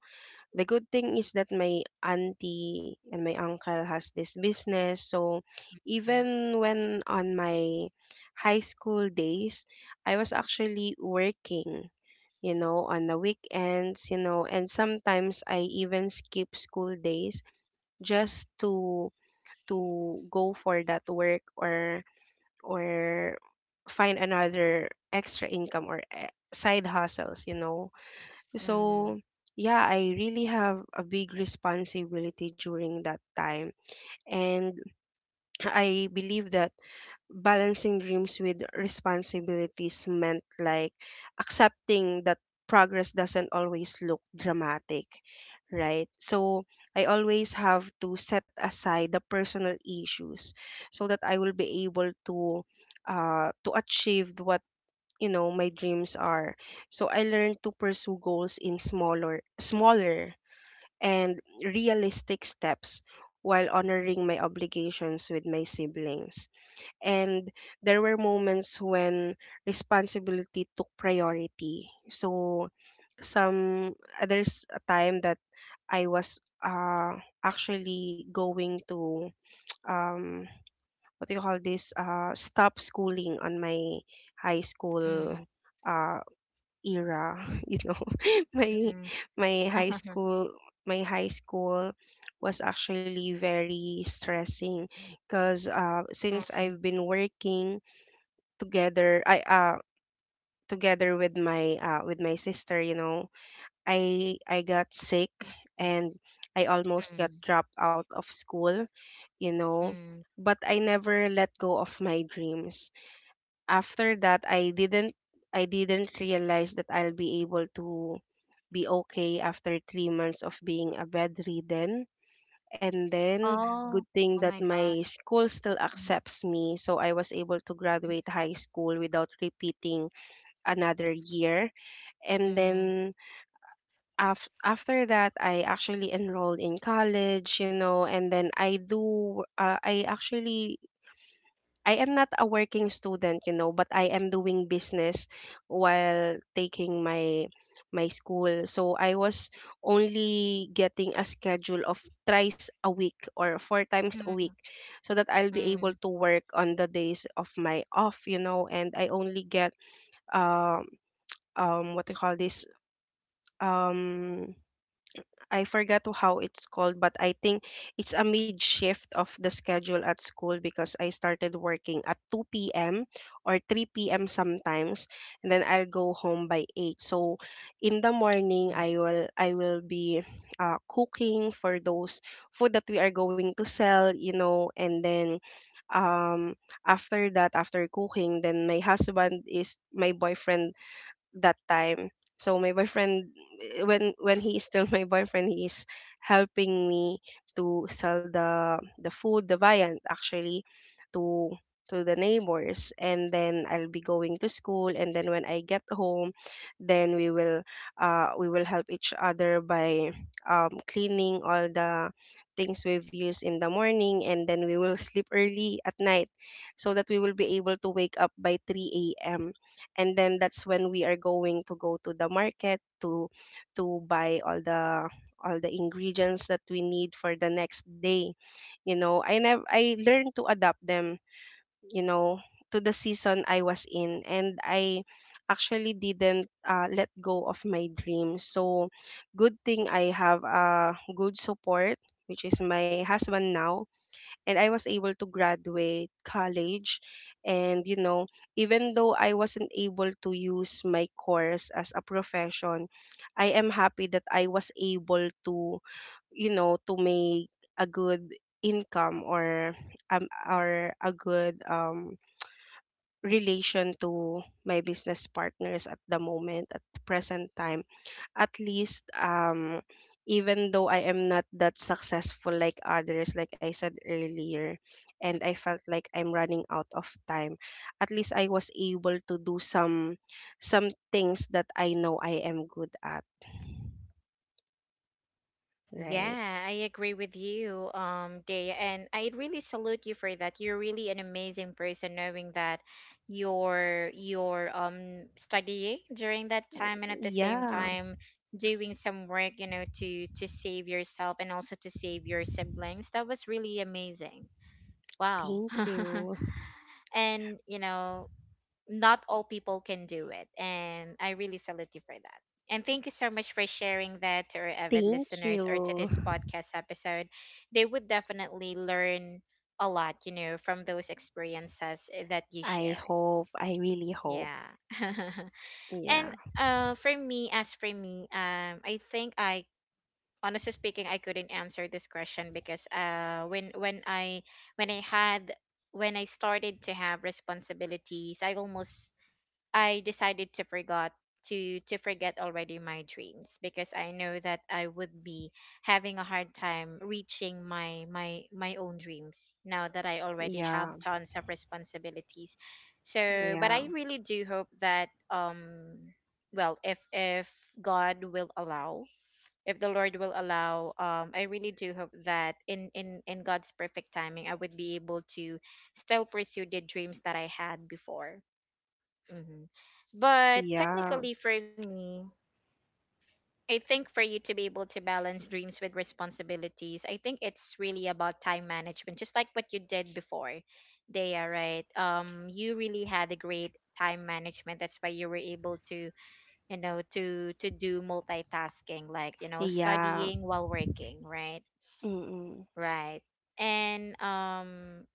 [SPEAKER 2] the good thing is that my auntie and my uncle has this business. So
[SPEAKER 1] mm,
[SPEAKER 2] even when on my high school days, I was actually working, you know, on the weekends, you know, and sometimes I even skip school days just to go for that work, or or find another extra income, or side hustles, you know.
[SPEAKER 1] mm.
[SPEAKER 2] So, yeah, I really have a big responsibility during that time. And [clears throat] I believe that balancing dreams with responsibilities meant like accepting that progress doesn't always look dramatic, right? So, I always have to set aside the personal issues so that I will be able to achieve what you know my dreams are. So I learned to pursue goals in smaller and realistic steps while honoring my obligations with my siblings. And there were moments when responsibility took priority, so some, there's a time that I was actually going to, um what do you call this, stop schooling on my high
[SPEAKER 1] Mm,
[SPEAKER 2] school uh era. [laughs] You know, [laughs] my
[SPEAKER 1] [laughs]
[SPEAKER 2] my high
[SPEAKER 1] mm,
[SPEAKER 2] school my high school was actually very stressing, because
[SPEAKER 1] mm.
[SPEAKER 2] since I've been working together, I together with my sister, you know. I got sick, and I almost got dropped out of school, you know,
[SPEAKER 1] Mm.
[SPEAKER 2] but I never let go of my dreams. After that, I didn't realize that I'll be able to be okay after 3 months of being a bedridden. And
[SPEAKER 1] [laughs]
[SPEAKER 2] then,
[SPEAKER 1] Oh,
[SPEAKER 2] good thing
[SPEAKER 1] oh my
[SPEAKER 2] that
[SPEAKER 1] God.
[SPEAKER 2] my school still
[SPEAKER 1] Mm,
[SPEAKER 2] accepts me, so I was able to graduate high school without repeating another year. And
[SPEAKER 1] mm,
[SPEAKER 2] then, after that, I actually enrolled in college, you know. And then I actually I am not a working student, you know, but I am doing business while taking my school. So I was only getting a schedule of thrice a week or four times a week
[SPEAKER 1] mm,
[SPEAKER 2] so that I'll be
[SPEAKER 1] mm,
[SPEAKER 2] able to work on the days of my off, you know. And I only get um what do you call this, um I forgot to how it's called, but I think it's a mid shift of the schedule at school, because I started working at 2 p.m. or 3 p.m. sometimes, and then I'll go home by 8. So in the
[SPEAKER 1] mm.
[SPEAKER 2] morning, I will be cooking for those food that we are going to sell, you know. And then um after that, after cooking, then my husband is my boyfriend that time. So my boyfriend, when he is still [laughs] my boyfriend, he is helping me to sell the food, the viand actually, to the neighbors. And then I'll be going to school, and then when I get home, then we will help each other by cleaning all the things we've used in the morning. And then we will [laughs] sleep early at night so that we will be able to wake up by 3 a.m. And then that's when we are going to go to the market to buy all the ingredients that we need for the next day. You know, I never I learned to adapt them, you know, to the season I was in, and I actually didn't let go of my dream. So good thing I have a good support, which is my husband now, and I was able to graduate college. And, you know, even though I wasn't able to use my course as a profession, I am happy that I was able to, you know, to make a good income, or a good relation to my business partners at the moment, at the present time, at least. Even though I am not that successful like others, like I said earlier, and I felt like I'm running out of time, at least I was able to do some things that I know I am good at, right?
[SPEAKER 1] Yeah, I agree with you, Dea, and I really salute you for that. You're really an amazing person, knowing that you're studying during that time and at the same
[SPEAKER 2] Yeah.
[SPEAKER 1] time doing some work, you know, to save yourself and also to save your siblings. That was really amazing. Wow.
[SPEAKER 2] Thank
[SPEAKER 1] [laughs]
[SPEAKER 2] you.
[SPEAKER 1] And, you know, not all people can do it. And I really salute you for that. And thank you so much for sharing that to our avid
[SPEAKER 2] Thank
[SPEAKER 1] listeners or to
[SPEAKER 2] you.
[SPEAKER 1] this podcast episode. They would definitely learn a lot, you know, from those experiences that you
[SPEAKER 2] I
[SPEAKER 1] shared.
[SPEAKER 2] hope. I really hope.
[SPEAKER 1] Yeah. [laughs]
[SPEAKER 2] Yeah,
[SPEAKER 1] And for me, as for me, I think I honestly speaking, I couldn't answer this question because when I had when I started to have responsibilities, I almost I decided to forgot to forget already my dreams, because I know that I would be having a hard time reaching my own dreams now that I already have
[SPEAKER 2] yeah,
[SPEAKER 1] tons of responsibilities. So but
[SPEAKER 2] yeah,
[SPEAKER 1] I really do hope that well, if God will allow, if the Lord will allow, I really do hope that in God's perfect timing, I would be able to still pursue the dreams that I had before. Hmm. But
[SPEAKER 2] yeah,
[SPEAKER 1] technically, for me, I think for you to be able to balance dreams with responsibilities, I think it's really about time management, just like what you did before. They are right. You really had a great time management. That's why you were able to, you know, to do multitasking, like, you know,
[SPEAKER 2] yeah.
[SPEAKER 1] studying while working, right?
[SPEAKER 2] Mm-mm.
[SPEAKER 1] Right. And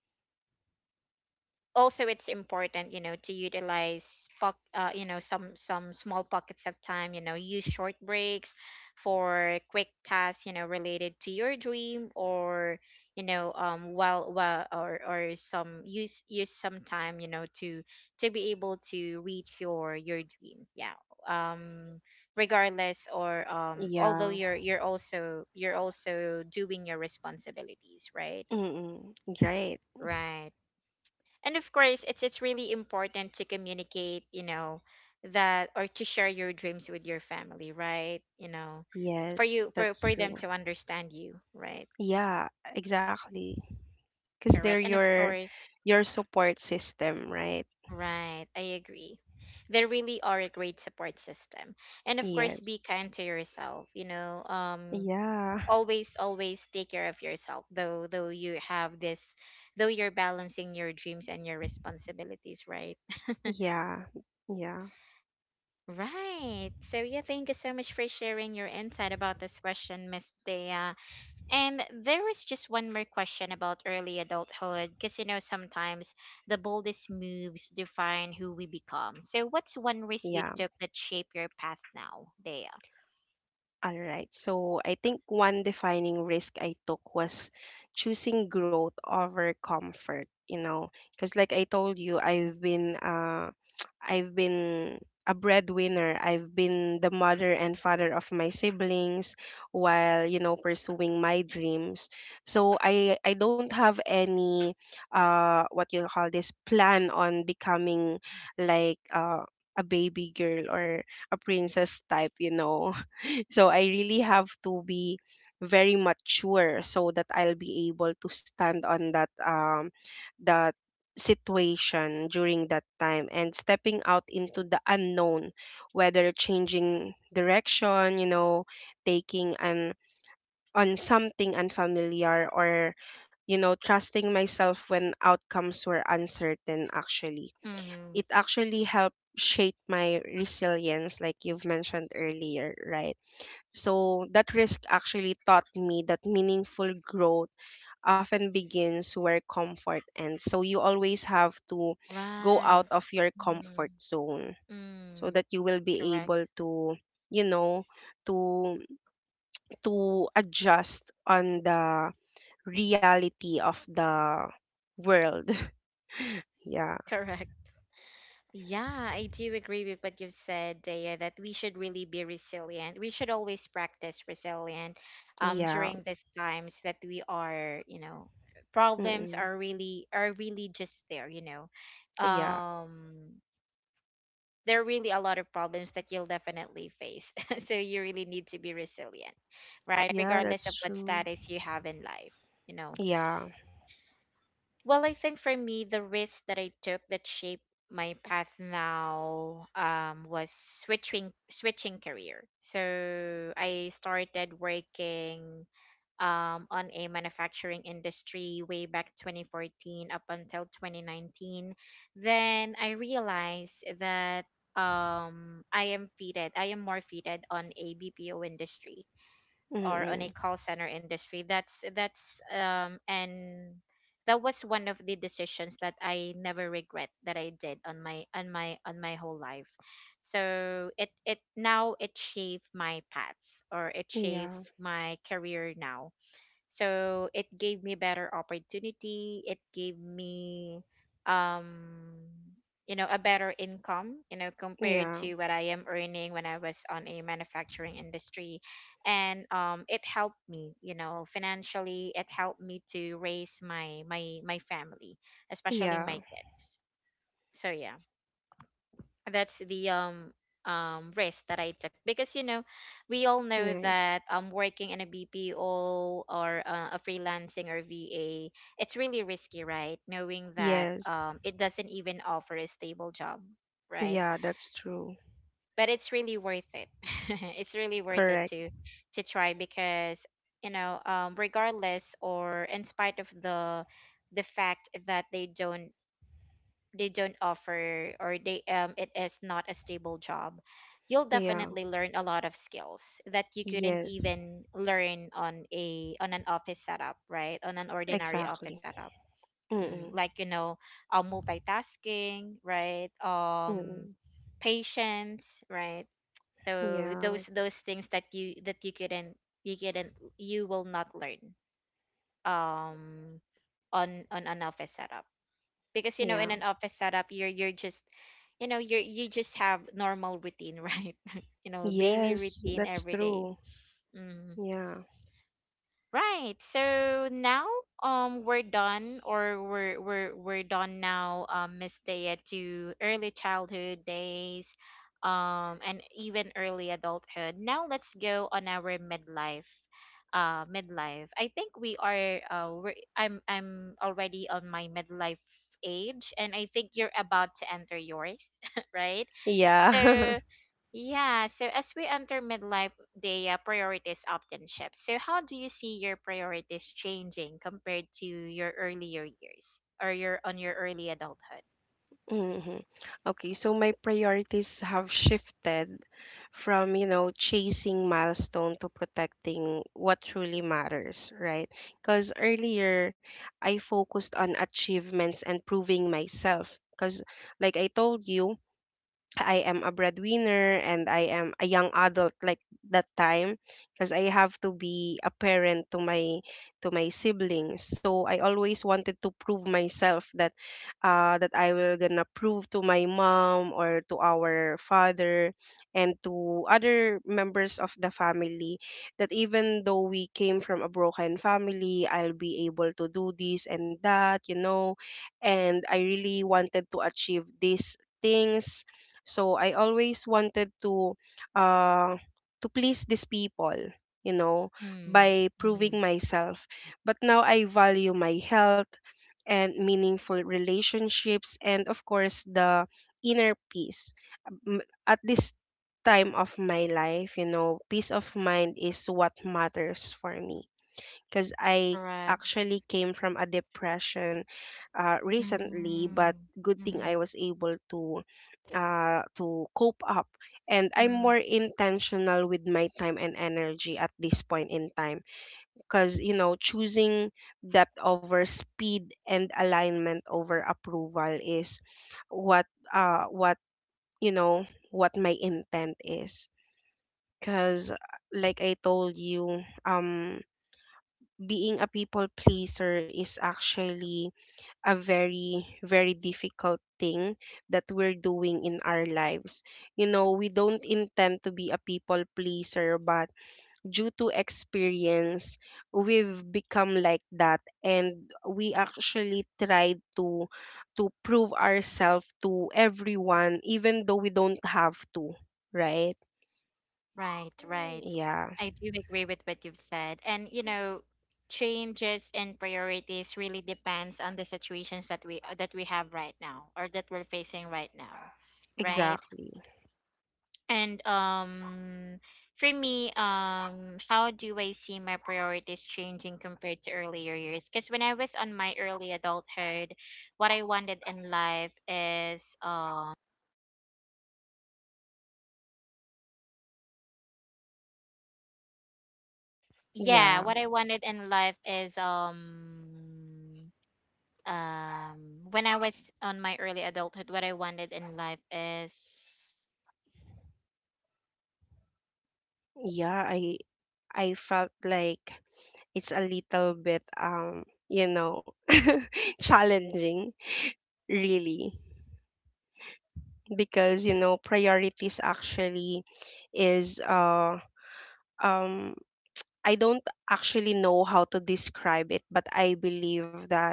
[SPEAKER 1] also it's important, you know, to utilize you know, some small pockets of time, you know, use short breaks for quick tasks, you know, related to your dream, or you know, while or some use use some time, you know, to be able to reach your dream, yeah. Um, regardless, or although
[SPEAKER 2] Yeah.
[SPEAKER 1] you're also doing your responsibilities, right?
[SPEAKER 2] Mm-mm. Right.
[SPEAKER 1] Right. And of course it's really important to communicate, you know, that or to share your dreams with your family, right, you know, for
[SPEAKER 2] Yes,
[SPEAKER 1] you, for
[SPEAKER 2] that's
[SPEAKER 1] them
[SPEAKER 2] true.
[SPEAKER 1] to understand you, right?
[SPEAKER 2] Yeah, exactly. Because they're
[SPEAKER 1] Correct. And of course
[SPEAKER 2] your support system, right?
[SPEAKER 1] right, I agree, they really are a great support system. And of course be
[SPEAKER 2] Yes.
[SPEAKER 1] kind to yourself, you know. Um,
[SPEAKER 2] Yeah. [laughs]
[SPEAKER 1] always take care of yourself, though you have this, though you're balancing your dreams and your responsibilities, right?
[SPEAKER 2] Yeah. Yeah.
[SPEAKER 1] Right. So yeah, thank you so much for sharing your insight about this question, Miss Dea. And there is just one more question about early adulthood, because you know sometimes the boldest moves define who we become. So what's one risk you
[SPEAKER 2] Yeah.
[SPEAKER 1] took that shaped your path now, Dea?
[SPEAKER 2] All right. So I think one defining risk I took was choosing growth over comfort, you know, because like I told you, I've been [tsk] I've been a breadwinner. I've been the mother and father of my siblings while, you know, pursuing my dreams. So I don't have any, what you call this, plan on becoming, like, a baby girl or a princess type, you know. So I really have to be very mature so that I'll be able to stand on that situation during that time, and stepping out into the unknown, whether changing direction, you know, taking an on something unfamiliar, or you know, trusting myself when outcomes were uncertain. Actually
[SPEAKER 1] Mm-hmm.
[SPEAKER 2] It actually helped shape my resilience, like you've mentioned earlier, right? So that risk actually taught me that meaningful growth often begins where comfort ends. So you always have to go
[SPEAKER 1] Right.
[SPEAKER 2] out of your
[SPEAKER 1] Mm-hmm.
[SPEAKER 2] comfort zone so
[SPEAKER 1] Mm.
[SPEAKER 2] that you will be
[SPEAKER 1] Correct.
[SPEAKER 2] able to, you know, to adjust on the reality of the world. [laughs] Yeah.
[SPEAKER 1] Correct. Yeah, I do agree with what you've said, Daya, that we should really be resilient. We should always practice resilient,
[SPEAKER 2] Yeah.
[SPEAKER 1] during these times that we are, you know, problems
[SPEAKER 2] Mm-mm.
[SPEAKER 1] are really, are really just there, you know.
[SPEAKER 2] Yeah.
[SPEAKER 1] Um, there are really a lot of problems that you'll definitely face. [laughs] So you really need to be resilient, right?
[SPEAKER 2] Yeah,
[SPEAKER 1] Regardless
[SPEAKER 2] that's
[SPEAKER 1] of what
[SPEAKER 2] true.
[SPEAKER 1] status you have in life, you know.
[SPEAKER 2] Yeah.
[SPEAKER 1] Well, I think for me, the risk that I took that shaped my path now, was switching career. So I started working on a manufacturing industry way back 2014 up until 2019. Then I realized that I am fitted. I am more fitted on a BPO industry or on a
[SPEAKER 2] Mm-mm.
[SPEAKER 1] call center industry. That's that's um and that was one of the decisions that I never regret that I did on my whole life. So it now it shaped my path, or it shaped
[SPEAKER 2] Yeah.
[SPEAKER 1] my career now. So it gave me better opportunity. It gave me, um, you know, a better income, you know, compared
[SPEAKER 2] Yeah.
[SPEAKER 1] to what I am earning when I was on a manufacturing industry. And it helped me, you know, financially. It helped me to raise my family, especially
[SPEAKER 2] Yeah.
[SPEAKER 1] my kids. So yeah, that's the risk that I took, because you know, we all know
[SPEAKER 2] Nice.
[SPEAKER 1] that working in a BPO, or a freelancing or VA, it's really risky, right, knowing that
[SPEAKER 2] Yes.
[SPEAKER 1] it doesn't even offer a stable job, right?
[SPEAKER 2] Yeah, that's true.
[SPEAKER 1] But it's really worth it. [laughs] It's really worth it
[SPEAKER 2] Correct.
[SPEAKER 1] to try, because you know, regardless or in spite of the fact that they don't, offer, or they, it is not a stable job, you'll
[SPEAKER 2] Yeah.
[SPEAKER 1] definitely learn a lot of skills that you couldn't
[SPEAKER 2] Yes,
[SPEAKER 1] even learn on a on an office setup, right, on an ordinary office
[SPEAKER 2] exactly.
[SPEAKER 1] setup. Mm,
[SPEAKER 2] Mm-mm.
[SPEAKER 1] like you know, multitasking, right,
[SPEAKER 2] Mm-mm.
[SPEAKER 1] patience, right? So
[SPEAKER 2] Yeah.
[SPEAKER 1] those things that you, that you couldn't you couldn't you will not learn um on an office setup, because you know, in
[SPEAKER 2] Yeah.
[SPEAKER 1] an office setup, you're just, you know, you just have normal routine, right? [laughs] You know, daily
[SPEAKER 2] Yes,
[SPEAKER 1] routine
[SPEAKER 2] that's
[SPEAKER 1] every day.
[SPEAKER 2] true.
[SPEAKER 1] Mhm.
[SPEAKER 2] Yeah.
[SPEAKER 1] Right. So now we're done, or we're done now, Miss Dea, to early childhood days, and even early adulthood. Now let's go on our midlife. Uh, midlife. I think we are I'm already on my midlife age, and I think you're about to enter yours, [laughs] right?
[SPEAKER 2] Yeah.
[SPEAKER 1] So
[SPEAKER 2] [laughs]
[SPEAKER 1] yeah, so as we enter midlife, the priorities often shift. So, how do you see your priorities changing compared to your earlier years, or your on your early adulthood?
[SPEAKER 2] hmm Okay, so my priorities have shifted from, you know, chasing milestone to protecting what truly matters, right? Because earlier I focused on achievements and proving myself. Because, like I told you, I am a breadwinner and I am a young adult like that time, because I have to be a parent to my siblings. So I always wanted to prove myself that I will gonna prove to my mom or to our father and to other members of the family, that even though we came from a broken family, I'll be able to do this and that, you know. And I really wanted to achieve these things, so I always wanted uh to please these people, you know,
[SPEAKER 1] Mm,
[SPEAKER 2] by
[SPEAKER 1] mm,
[SPEAKER 2] proving myself. But now I value my health and meaningful relationships, and of course the inner peace. At this time of my life, you know, peace of mind is what matters for me, because I
[SPEAKER 1] correct.
[SPEAKER 2] actually came from a depression recently. But
[SPEAKER 1] Mm,
[SPEAKER 2] good thing I
[SPEAKER 1] mm,
[SPEAKER 2] was able to cope up, and I'm
[SPEAKER 1] mm,
[SPEAKER 2] more intentional with my time and energy at this point in time. Because you know, choosing depth over speed and alignment over approval is what what you know what my intent is. Because like I told you, being a people pleaser is actually a very very difficult thing that we're doing in our lives. You know, we don't intend to be a people pleaser, but due to experience, we've become like that, and we actually tried to prove ourselves to everyone even though we don't have to, right?
[SPEAKER 1] right, right.
[SPEAKER 2] Yeah,
[SPEAKER 1] I do agree with what you've said. And, you know, changes in priorities really depends on the situations that we have right now, or that we're facing right now, right?
[SPEAKER 2] exactly.
[SPEAKER 1] And for me, um, how do I see my priorities changing compared to earlier years? Because when I was on my early adulthood, what I wanted in life is yeah,
[SPEAKER 2] Yeah,
[SPEAKER 1] what I wanted in life is um when I was on my early adulthood, what I wanted in life is
[SPEAKER 2] yeah, I felt like it's a little bit [laughs] challenging, really. Because you know, priorities actually is um I don't actually know how to describe it, but I believe that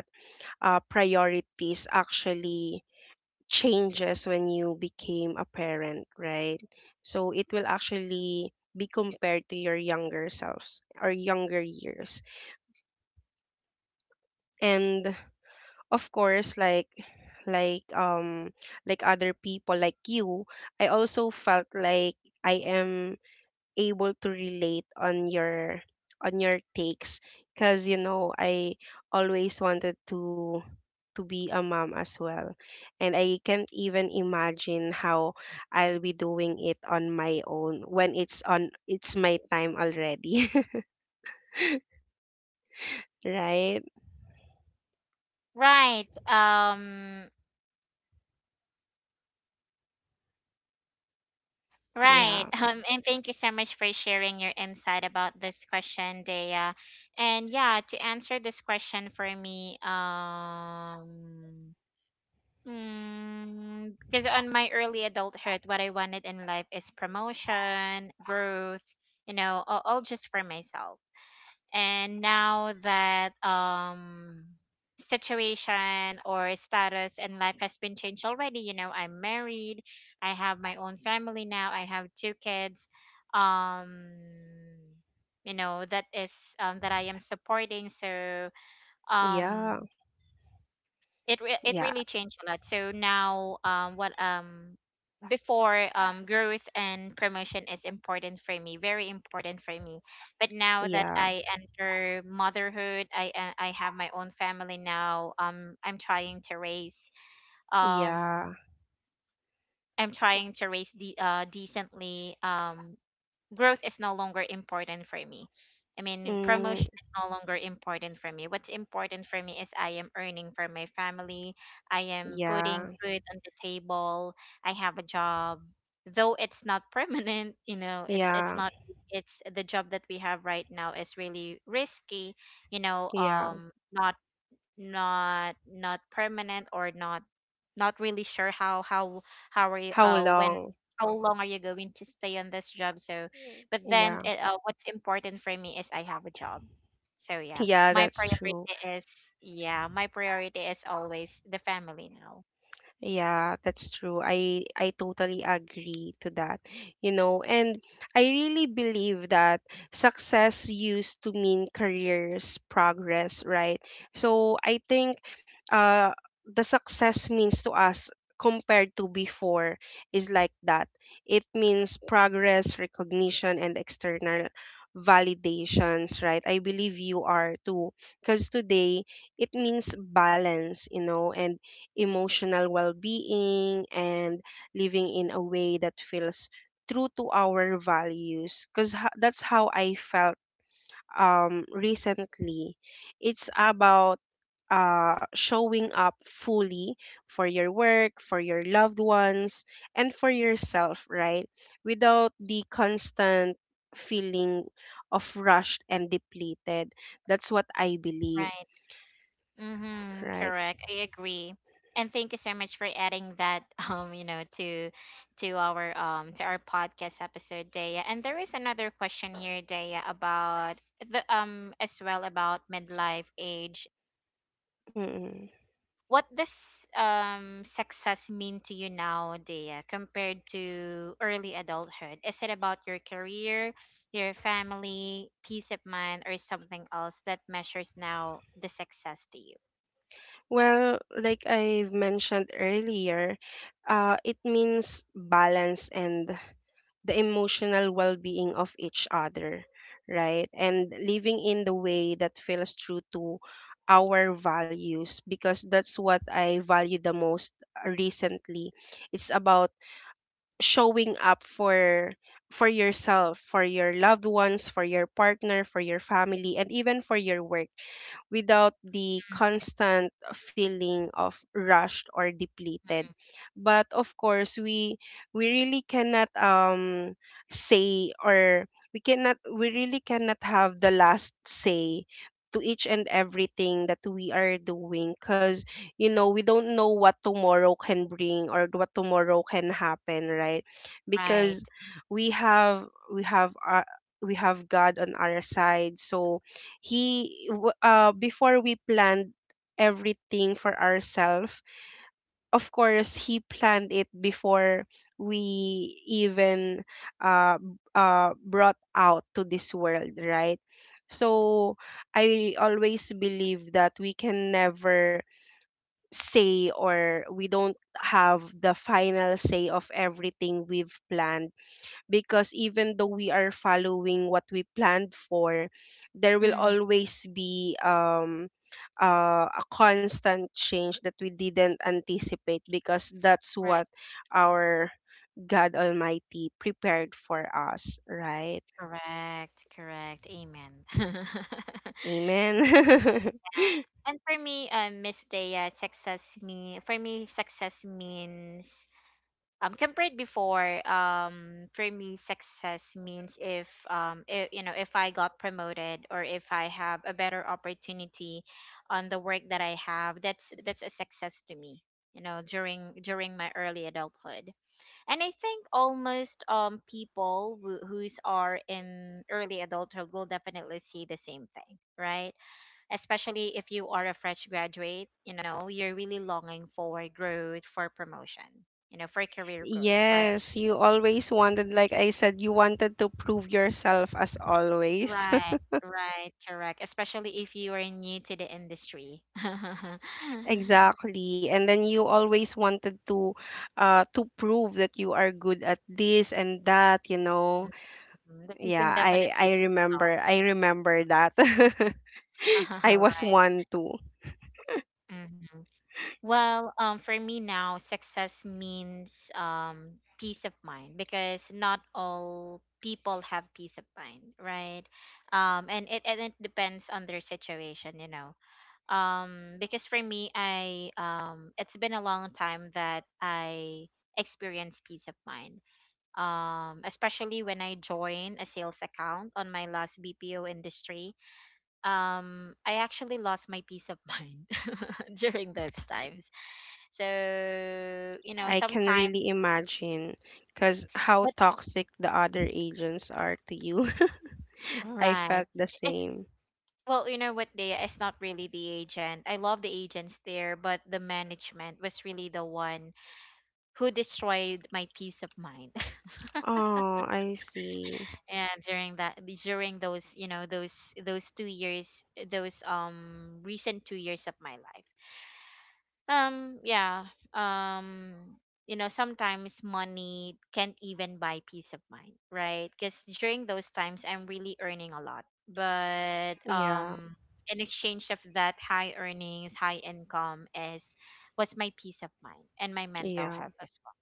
[SPEAKER 2] priorities actually changes when you became a parent, right? So it will actually be compared to your younger selves or younger years. And of course, like um like other people like you, I also felt like I am able to relate on your takes. Because you know, I always wanted to be a mom as well, and I can't even imagine how I'll be doing it on my own when it's on it's my time already. [laughs] Right.
[SPEAKER 1] right. Um,
[SPEAKER 2] Yeah,
[SPEAKER 1] right. [laughs] And thank you so much for sharing your insight about this question, Dea. And yeah, to answer this question for me, because on my early adulthood, what I wanted in life is promotion, growth, you know, all just for myself. And now that situation or status and life has been changed already, you know, I'm married, I have my own family now, I have two kids, um you know, that is, that I am supporting. So
[SPEAKER 2] yeah,
[SPEAKER 1] um it it
[SPEAKER 2] yeah,
[SPEAKER 1] really changed a lot. So now, what before, growth and promotion is important for me, very important for me. But now that
[SPEAKER 2] yeah,
[SPEAKER 1] I enter motherhood, I have my own family now. I'm trying to raise um.
[SPEAKER 2] yeah.
[SPEAKER 1] I'm trying to raise the, decently, growth is no longer important for me. I mean, promotion
[SPEAKER 2] Mm.
[SPEAKER 1] is no longer important for me. What's important for me is I am earning for my family. I am putting
[SPEAKER 2] Yeah,
[SPEAKER 1] food on the table. I have a job, though it's not [laughs] permanent. You know, it's
[SPEAKER 2] yeah,
[SPEAKER 1] not. It's the job that we have right now is really risky. You know,
[SPEAKER 2] yeah.
[SPEAKER 1] not not permanent, or not not really sure how are you
[SPEAKER 2] How
[SPEAKER 1] when
[SPEAKER 2] long?
[SPEAKER 1] how long are you going to stay on this job. So but then
[SPEAKER 2] Yeah,
[SPEAKER 1] it, what's important for me is I have a job. So yeah,
[SPEAKER 2] yeah,
[SPEAKER 1] my
[SPEAKER 2] that's true.
[SPEAKER 1] priority is yeah my priority is always the family now,
[SPEAKER 2] Yeah, that's true. I totally agree to that. You know, and I really believe that success used to mean careers progress, right? So I think uh the success means to us compared to before is like that. It means progress, recognition and external validations, right? I believe you are too, because today it means balance, you know, and emotional well being, and living in a way that feels true to our values. Because that's how I felt recently. It's about showing up fully for your work, for your loved ones, and for yourself, right? Without the constant feeling of rushed and depleted. That's what I believe,
[SPEAKER 1] right. Mm-hmm,
[SPEAKER 2] right?
[SPEAKER 1] correct. I agree. And thank you so much for adding that, [laughs] you know, to our to our podcast episode, Daya. And there is another question here, Daya, about the as well about midlife age.
[SPEAKER 2] Mm-mm.
[SPEAKER 1] What does success mean to you now, Daya, compared to early adulthood? Is it about your career, your family, peace of mind, or something else that measures now the success to you?
[SPEAKER 2] Well, like I've mentioned earlier, it means balance and the emotional well being of each other, right? And living in the way that feels true to our values, because that's what I value the most recently. It's about showing up for yourself, for your loved ones, for your partner, for your family, and even for your work without the constant feeling of rushed or depleted. But of course, we really cannot say or we really cannot have the last say to each and everything that we are doing, because you know we don't know what tomorrow can bring or what tomorrow can happen, right?
[SPEAKER 1] Right.
[SPEAKER 2] Because we have we have our, we have God on our side, so before we planned everything for ourselves, of course he planned it before we even brought out to this world, right? So I always believe that we can never say, or we don't have the final say of everything we've planned, because even though we are following what we planned for, there will
[SPEAKER 1] Mm-hmm.
[SPEAKER 2] always be a constant change that we didn't anticipate, because that's
[SPEAKER 1] Right.
[SPEAKER 2] what our God Almighty prepared for us, right?
[SPEAKER 1] Correct, correct. Amen. [laughs]
[SPEAKER 2] Amen. [laughs]
[SPEAKER 1] And for me, Miss Dea, success me for me, success means compared before, for me, success means if, if I got promoted or if I have a better opportunity on the work that I have, that's a success to me. You know, during my early adulthood and I think almost people who who's are in early adulthood will definitely see the same thing, right? Especially if you are a fresh graduate, you know, you're really longing for growth, for promotion, you know, for career growth, right?
[SPEAKER 2] Yes, you always wanted, like I said, you wanted to prove yourself as always.
[SPEAKER 1] Right, right, correct. Especially if you are new to the industry, [laughs]
[SPEAKER 2] Exactly. And then you always wanted to prove that you are good at this and that, you know.
[SPEAKER 1] Mhm, that you
[SPEAKER 2] Yeah,
[SPEAKER 1] can
[SPEAKER 2] I
[SPEAKER 1] definitely do
[SPEAKER 2] I
[SPEAKER 1] the
[SPEAKER 2] remember. I remember that. [laughs]
[SPEAKER 1] job, [laughs]
[SPEAKER 2] I was
[SPEAKER 1] right?
[SPEAKER 2] one too.
[SPEAKER 1] Hmm. Well, for me now, success means peace of mind, because not all people have peace of mind, right? And it depends on their situation, you know. Because for me, I it's been a long time that I experienced peace of mind. Especially when I joined a sales account on my last BPO industry, I actually lost my peace of mind [laughs] during those times so, you know,
[SPEAKER 2] I can
[SPEAKER 1] sometimes,
[SPEAKER 2] really imagine cuz how
[SPEAKER 1] but
[SPEAKER 2] toxic the other agents are to you. [laughs] I
[SPEAKER 1] right.
[SPEAKER 2] felt the
[SPEAKER 1] It,
[SPEAKER 2] same.
[SPEAKER 1] well, you know what, they it's not really the agent. I love the agents there, but the management was really the one who destroyed my peace of mind. [laughs]
[SPEAKER 2] Oh, I see.
[SPEAKER 1] During you know, those 2 years, those recent 2 years of my life. Um, yeah. Um, you know, sometimes money can't even buy peace of mind, right? Because during those times, I'm really earning a lot. But
[SPEAKER 2] Yeah.
[SPEAKER 1] um, in exchange of that high earnings, high income is was my peace of mind and my mental
[SPEAKER 2] Yeah.
[SPEAKER 1] health as well.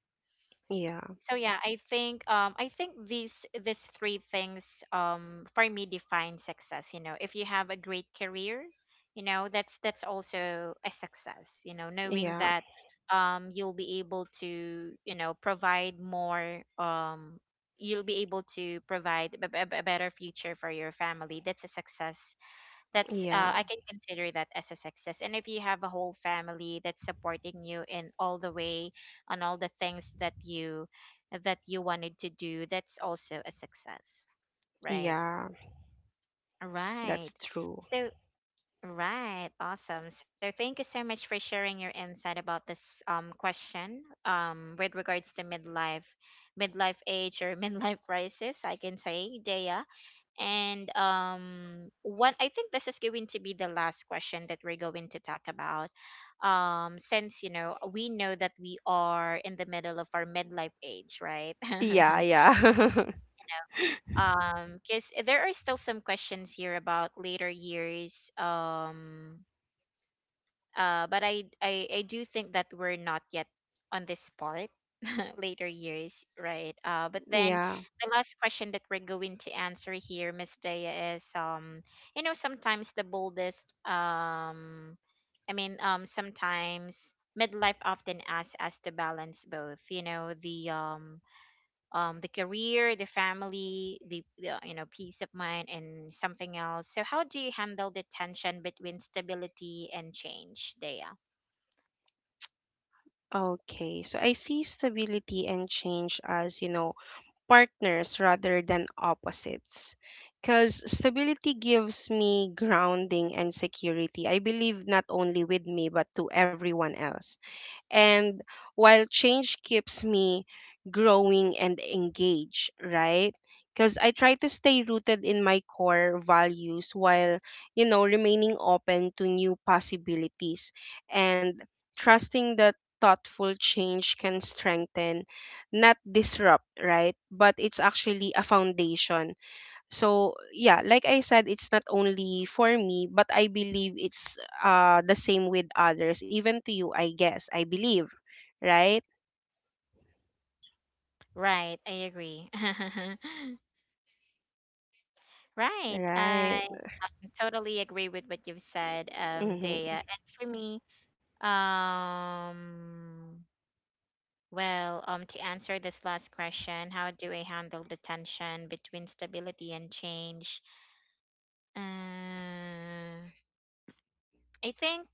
[SPEAKER 2] Yeah.
[SPEAKER 1] So yeah, I think these three things for me define success. You know, if you have a great career, you know, that's also a success, you know, knowing
[SPEAKER 2] Yeah.
[SPEAKER 1] that you'll be able to, you know, provide more you'll be able to provide a better future for your family, that's a success, that's
[SPEAKER 2] Yeah.
[SPEAKER 1] I can consider that as a success. And if you have a whole family that's supporting you in all the way on all the things that you wanted to do, that's also a success, right,
[SPEAKER 2] Yeah. That's
[SPEAKER 1] right.
[SPEAKER 2] true.
[SPEAKER 1] So right, awesome. So thank you so much for sharing your insight about this question with regards to midlife age, or [laughs] midlife crisis, I can say, Dea. I think this is going to be the last question that we're going to talk about. Since, you know, we know that we are in the middle of our midlife age, right?
[SPEAKER 2] Yeah,
[SPEAKER 1] [laughs]
[SPEAKER 2] yeah. [laughs]
[SPEAKER 1] Because there are still some questions here about later years. But I do think that we're not yet on this part, [laughs] later years, right? But then
[SPEAKER 2] Yeah.
[SPEAKER 1] the last question that we're going to answer here, Miss Daya, is you know, sometimes the boldest I mean sometimes midlife often asks us to balance both, you know, the career, the family, the, you know, peace of mind, and something else. So how do you handle the tension between stability and change, Dea?
[SPEAKER 2] Okay, so I see stability and change as, you know, partners rather than opposites. Because stability gives me grounding and security, I believe, not only with me, but to everyone else. And while change keeps me growing and engaged, right? Because I try to stay rooted in my core values while, you know, remaining open to new possibilities, and trusting that thoughtful change can strengthen, not disrupt, right? But it's actually a foundation. So yeah, like I said, it's not only for me, but I believe it's the same with others, even to you, I guess. I believe, right?
[SPEAKER 1] Right, I agree. [laughs] Right, I
[SPEAKER 2] Right.
[SPEAKER 1] totally agree with what you've said, Dea.
[SPEAKER 2] Hmm.
[SPEAKER 1] And for me, um, to answer this last question, how do I handle the tension between stability and change? Uh, I think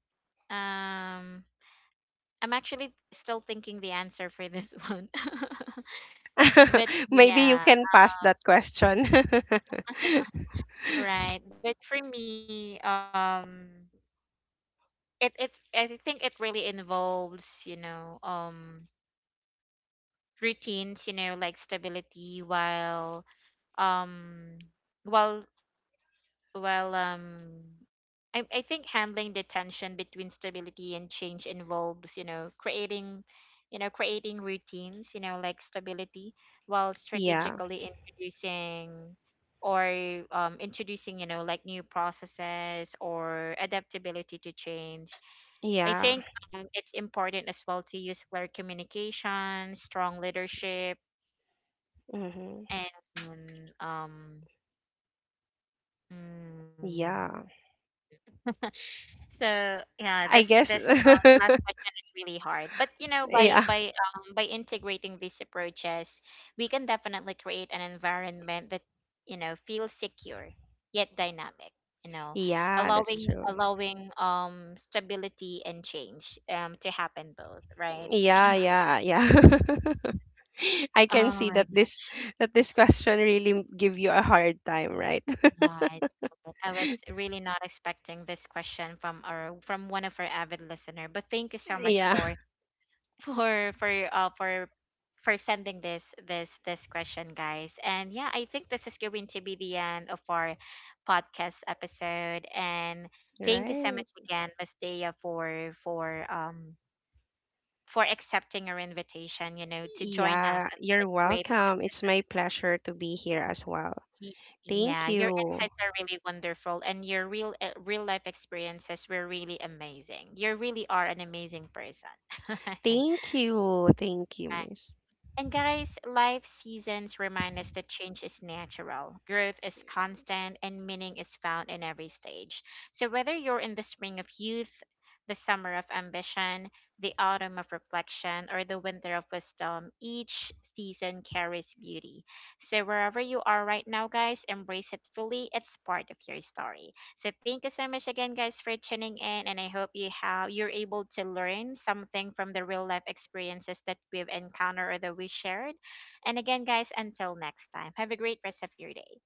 [SPEAKER 1] um I'm actually still thinking the answer for this [laughs] one. [laughs] But
[SPEAKER 2] [laughs] Maybe you
[SPEAKER 1] yeah,
[SPEAKER 2] can pass that question. [laughs]
[SPEAKER 1] right. But for me, it it I think it really involves, you know, routines, you know, like stability, um while well, I think handling the tension between stability and change involves, you know, creating routines, you know, like stability, while
[SPEAKER 2] Yeah.
[SPEAKER 1] strategically introducing or introducing, you know, like new processes or adaptability to change. I
[SPEAKER 2] Yeah.
[SPEAKER 1] think it's important as well to use clear communication, strong leadership,
[SPEAKER 2] Hmm.
[SPEAKER 1] and um, mm,
[SPEAKER 2] Yeah.
[SPEAKER 1] so yeah,
[SPEAKER 2] I
[SPEAKER 1] this
[SPEAKER 2] guess.
[SPEAKER 1] this um, last question is really hard. But you know,
[SPEAKER 2] [laughs] Yeah.
[SPEAKER 1] by integrating these approaches, we can definitely create an environment that, you know, feels secure yet dynamic. You know,
[SPEAKER 2] Yeah, that's true.
[SPEAKER 1] allowing stability and change to happen both, right?
[SPEAKER 2] Yeah, yeah, yeah. [laughs] I
[SPEAKER 1] Oh
[SPEAKER 2] can see
[SPEAKER 1] my
[SPEAKER 2] that this question really give you a hard time, right?
[SPEAKER 1] God. I was really not expecting this question from our from one of our avid listener, but thank you
[SPEAKER 2] [laughs]
[SPEAKER 1] so much
[SPEAKER 2] Yeah.
[SPEAKER 1] for for uh for for sending this question, guys. And yeah, I think this is going to be the end of our podcast episode. And thank you so
[SPEAKER 2] Right.
[SPEAKER 1] much again, Miss Dea, for accepting our invitation, you know, to join us
[SPEAKER 2] Yeah,
[SPEAKER 1] on
[SPEAKER 2] you're
[SPEAKER 1] this great.
[SPEAKER 2] welcome. It's my pleasure to be here as well.
[SPEAKER 1] Y- yeah,
[SPEAKER 2] Thank
[SPEAKER 1] your
[SPEAKER 2] you.
[SPEAKER 1] insights are really wonderful, and your real real life experiences were really amazing. You really are an amazing person. [laughs]
[SPEAKER 2] Thank you. Thank you,
[SPEAKER 1] Right.
[SPEAKER 2] miss.
[SPEAKER 1] And guys, life seasons remind us that change is natural, growth is constant, and meaning is found in every stage. So whether you're in the spring of youth, the summer of ambition, the autumn of reflection, or the winter of wisdom, each season carries beauty. So wherever you are right now, guys, embrace it fully. It's part of your story. So thank you so much again, guys, for tuning in, and I hope you're able to learn something from the real life experiences that we've encountered or that we shared. And again, guys, until next time, have a great rest of your day.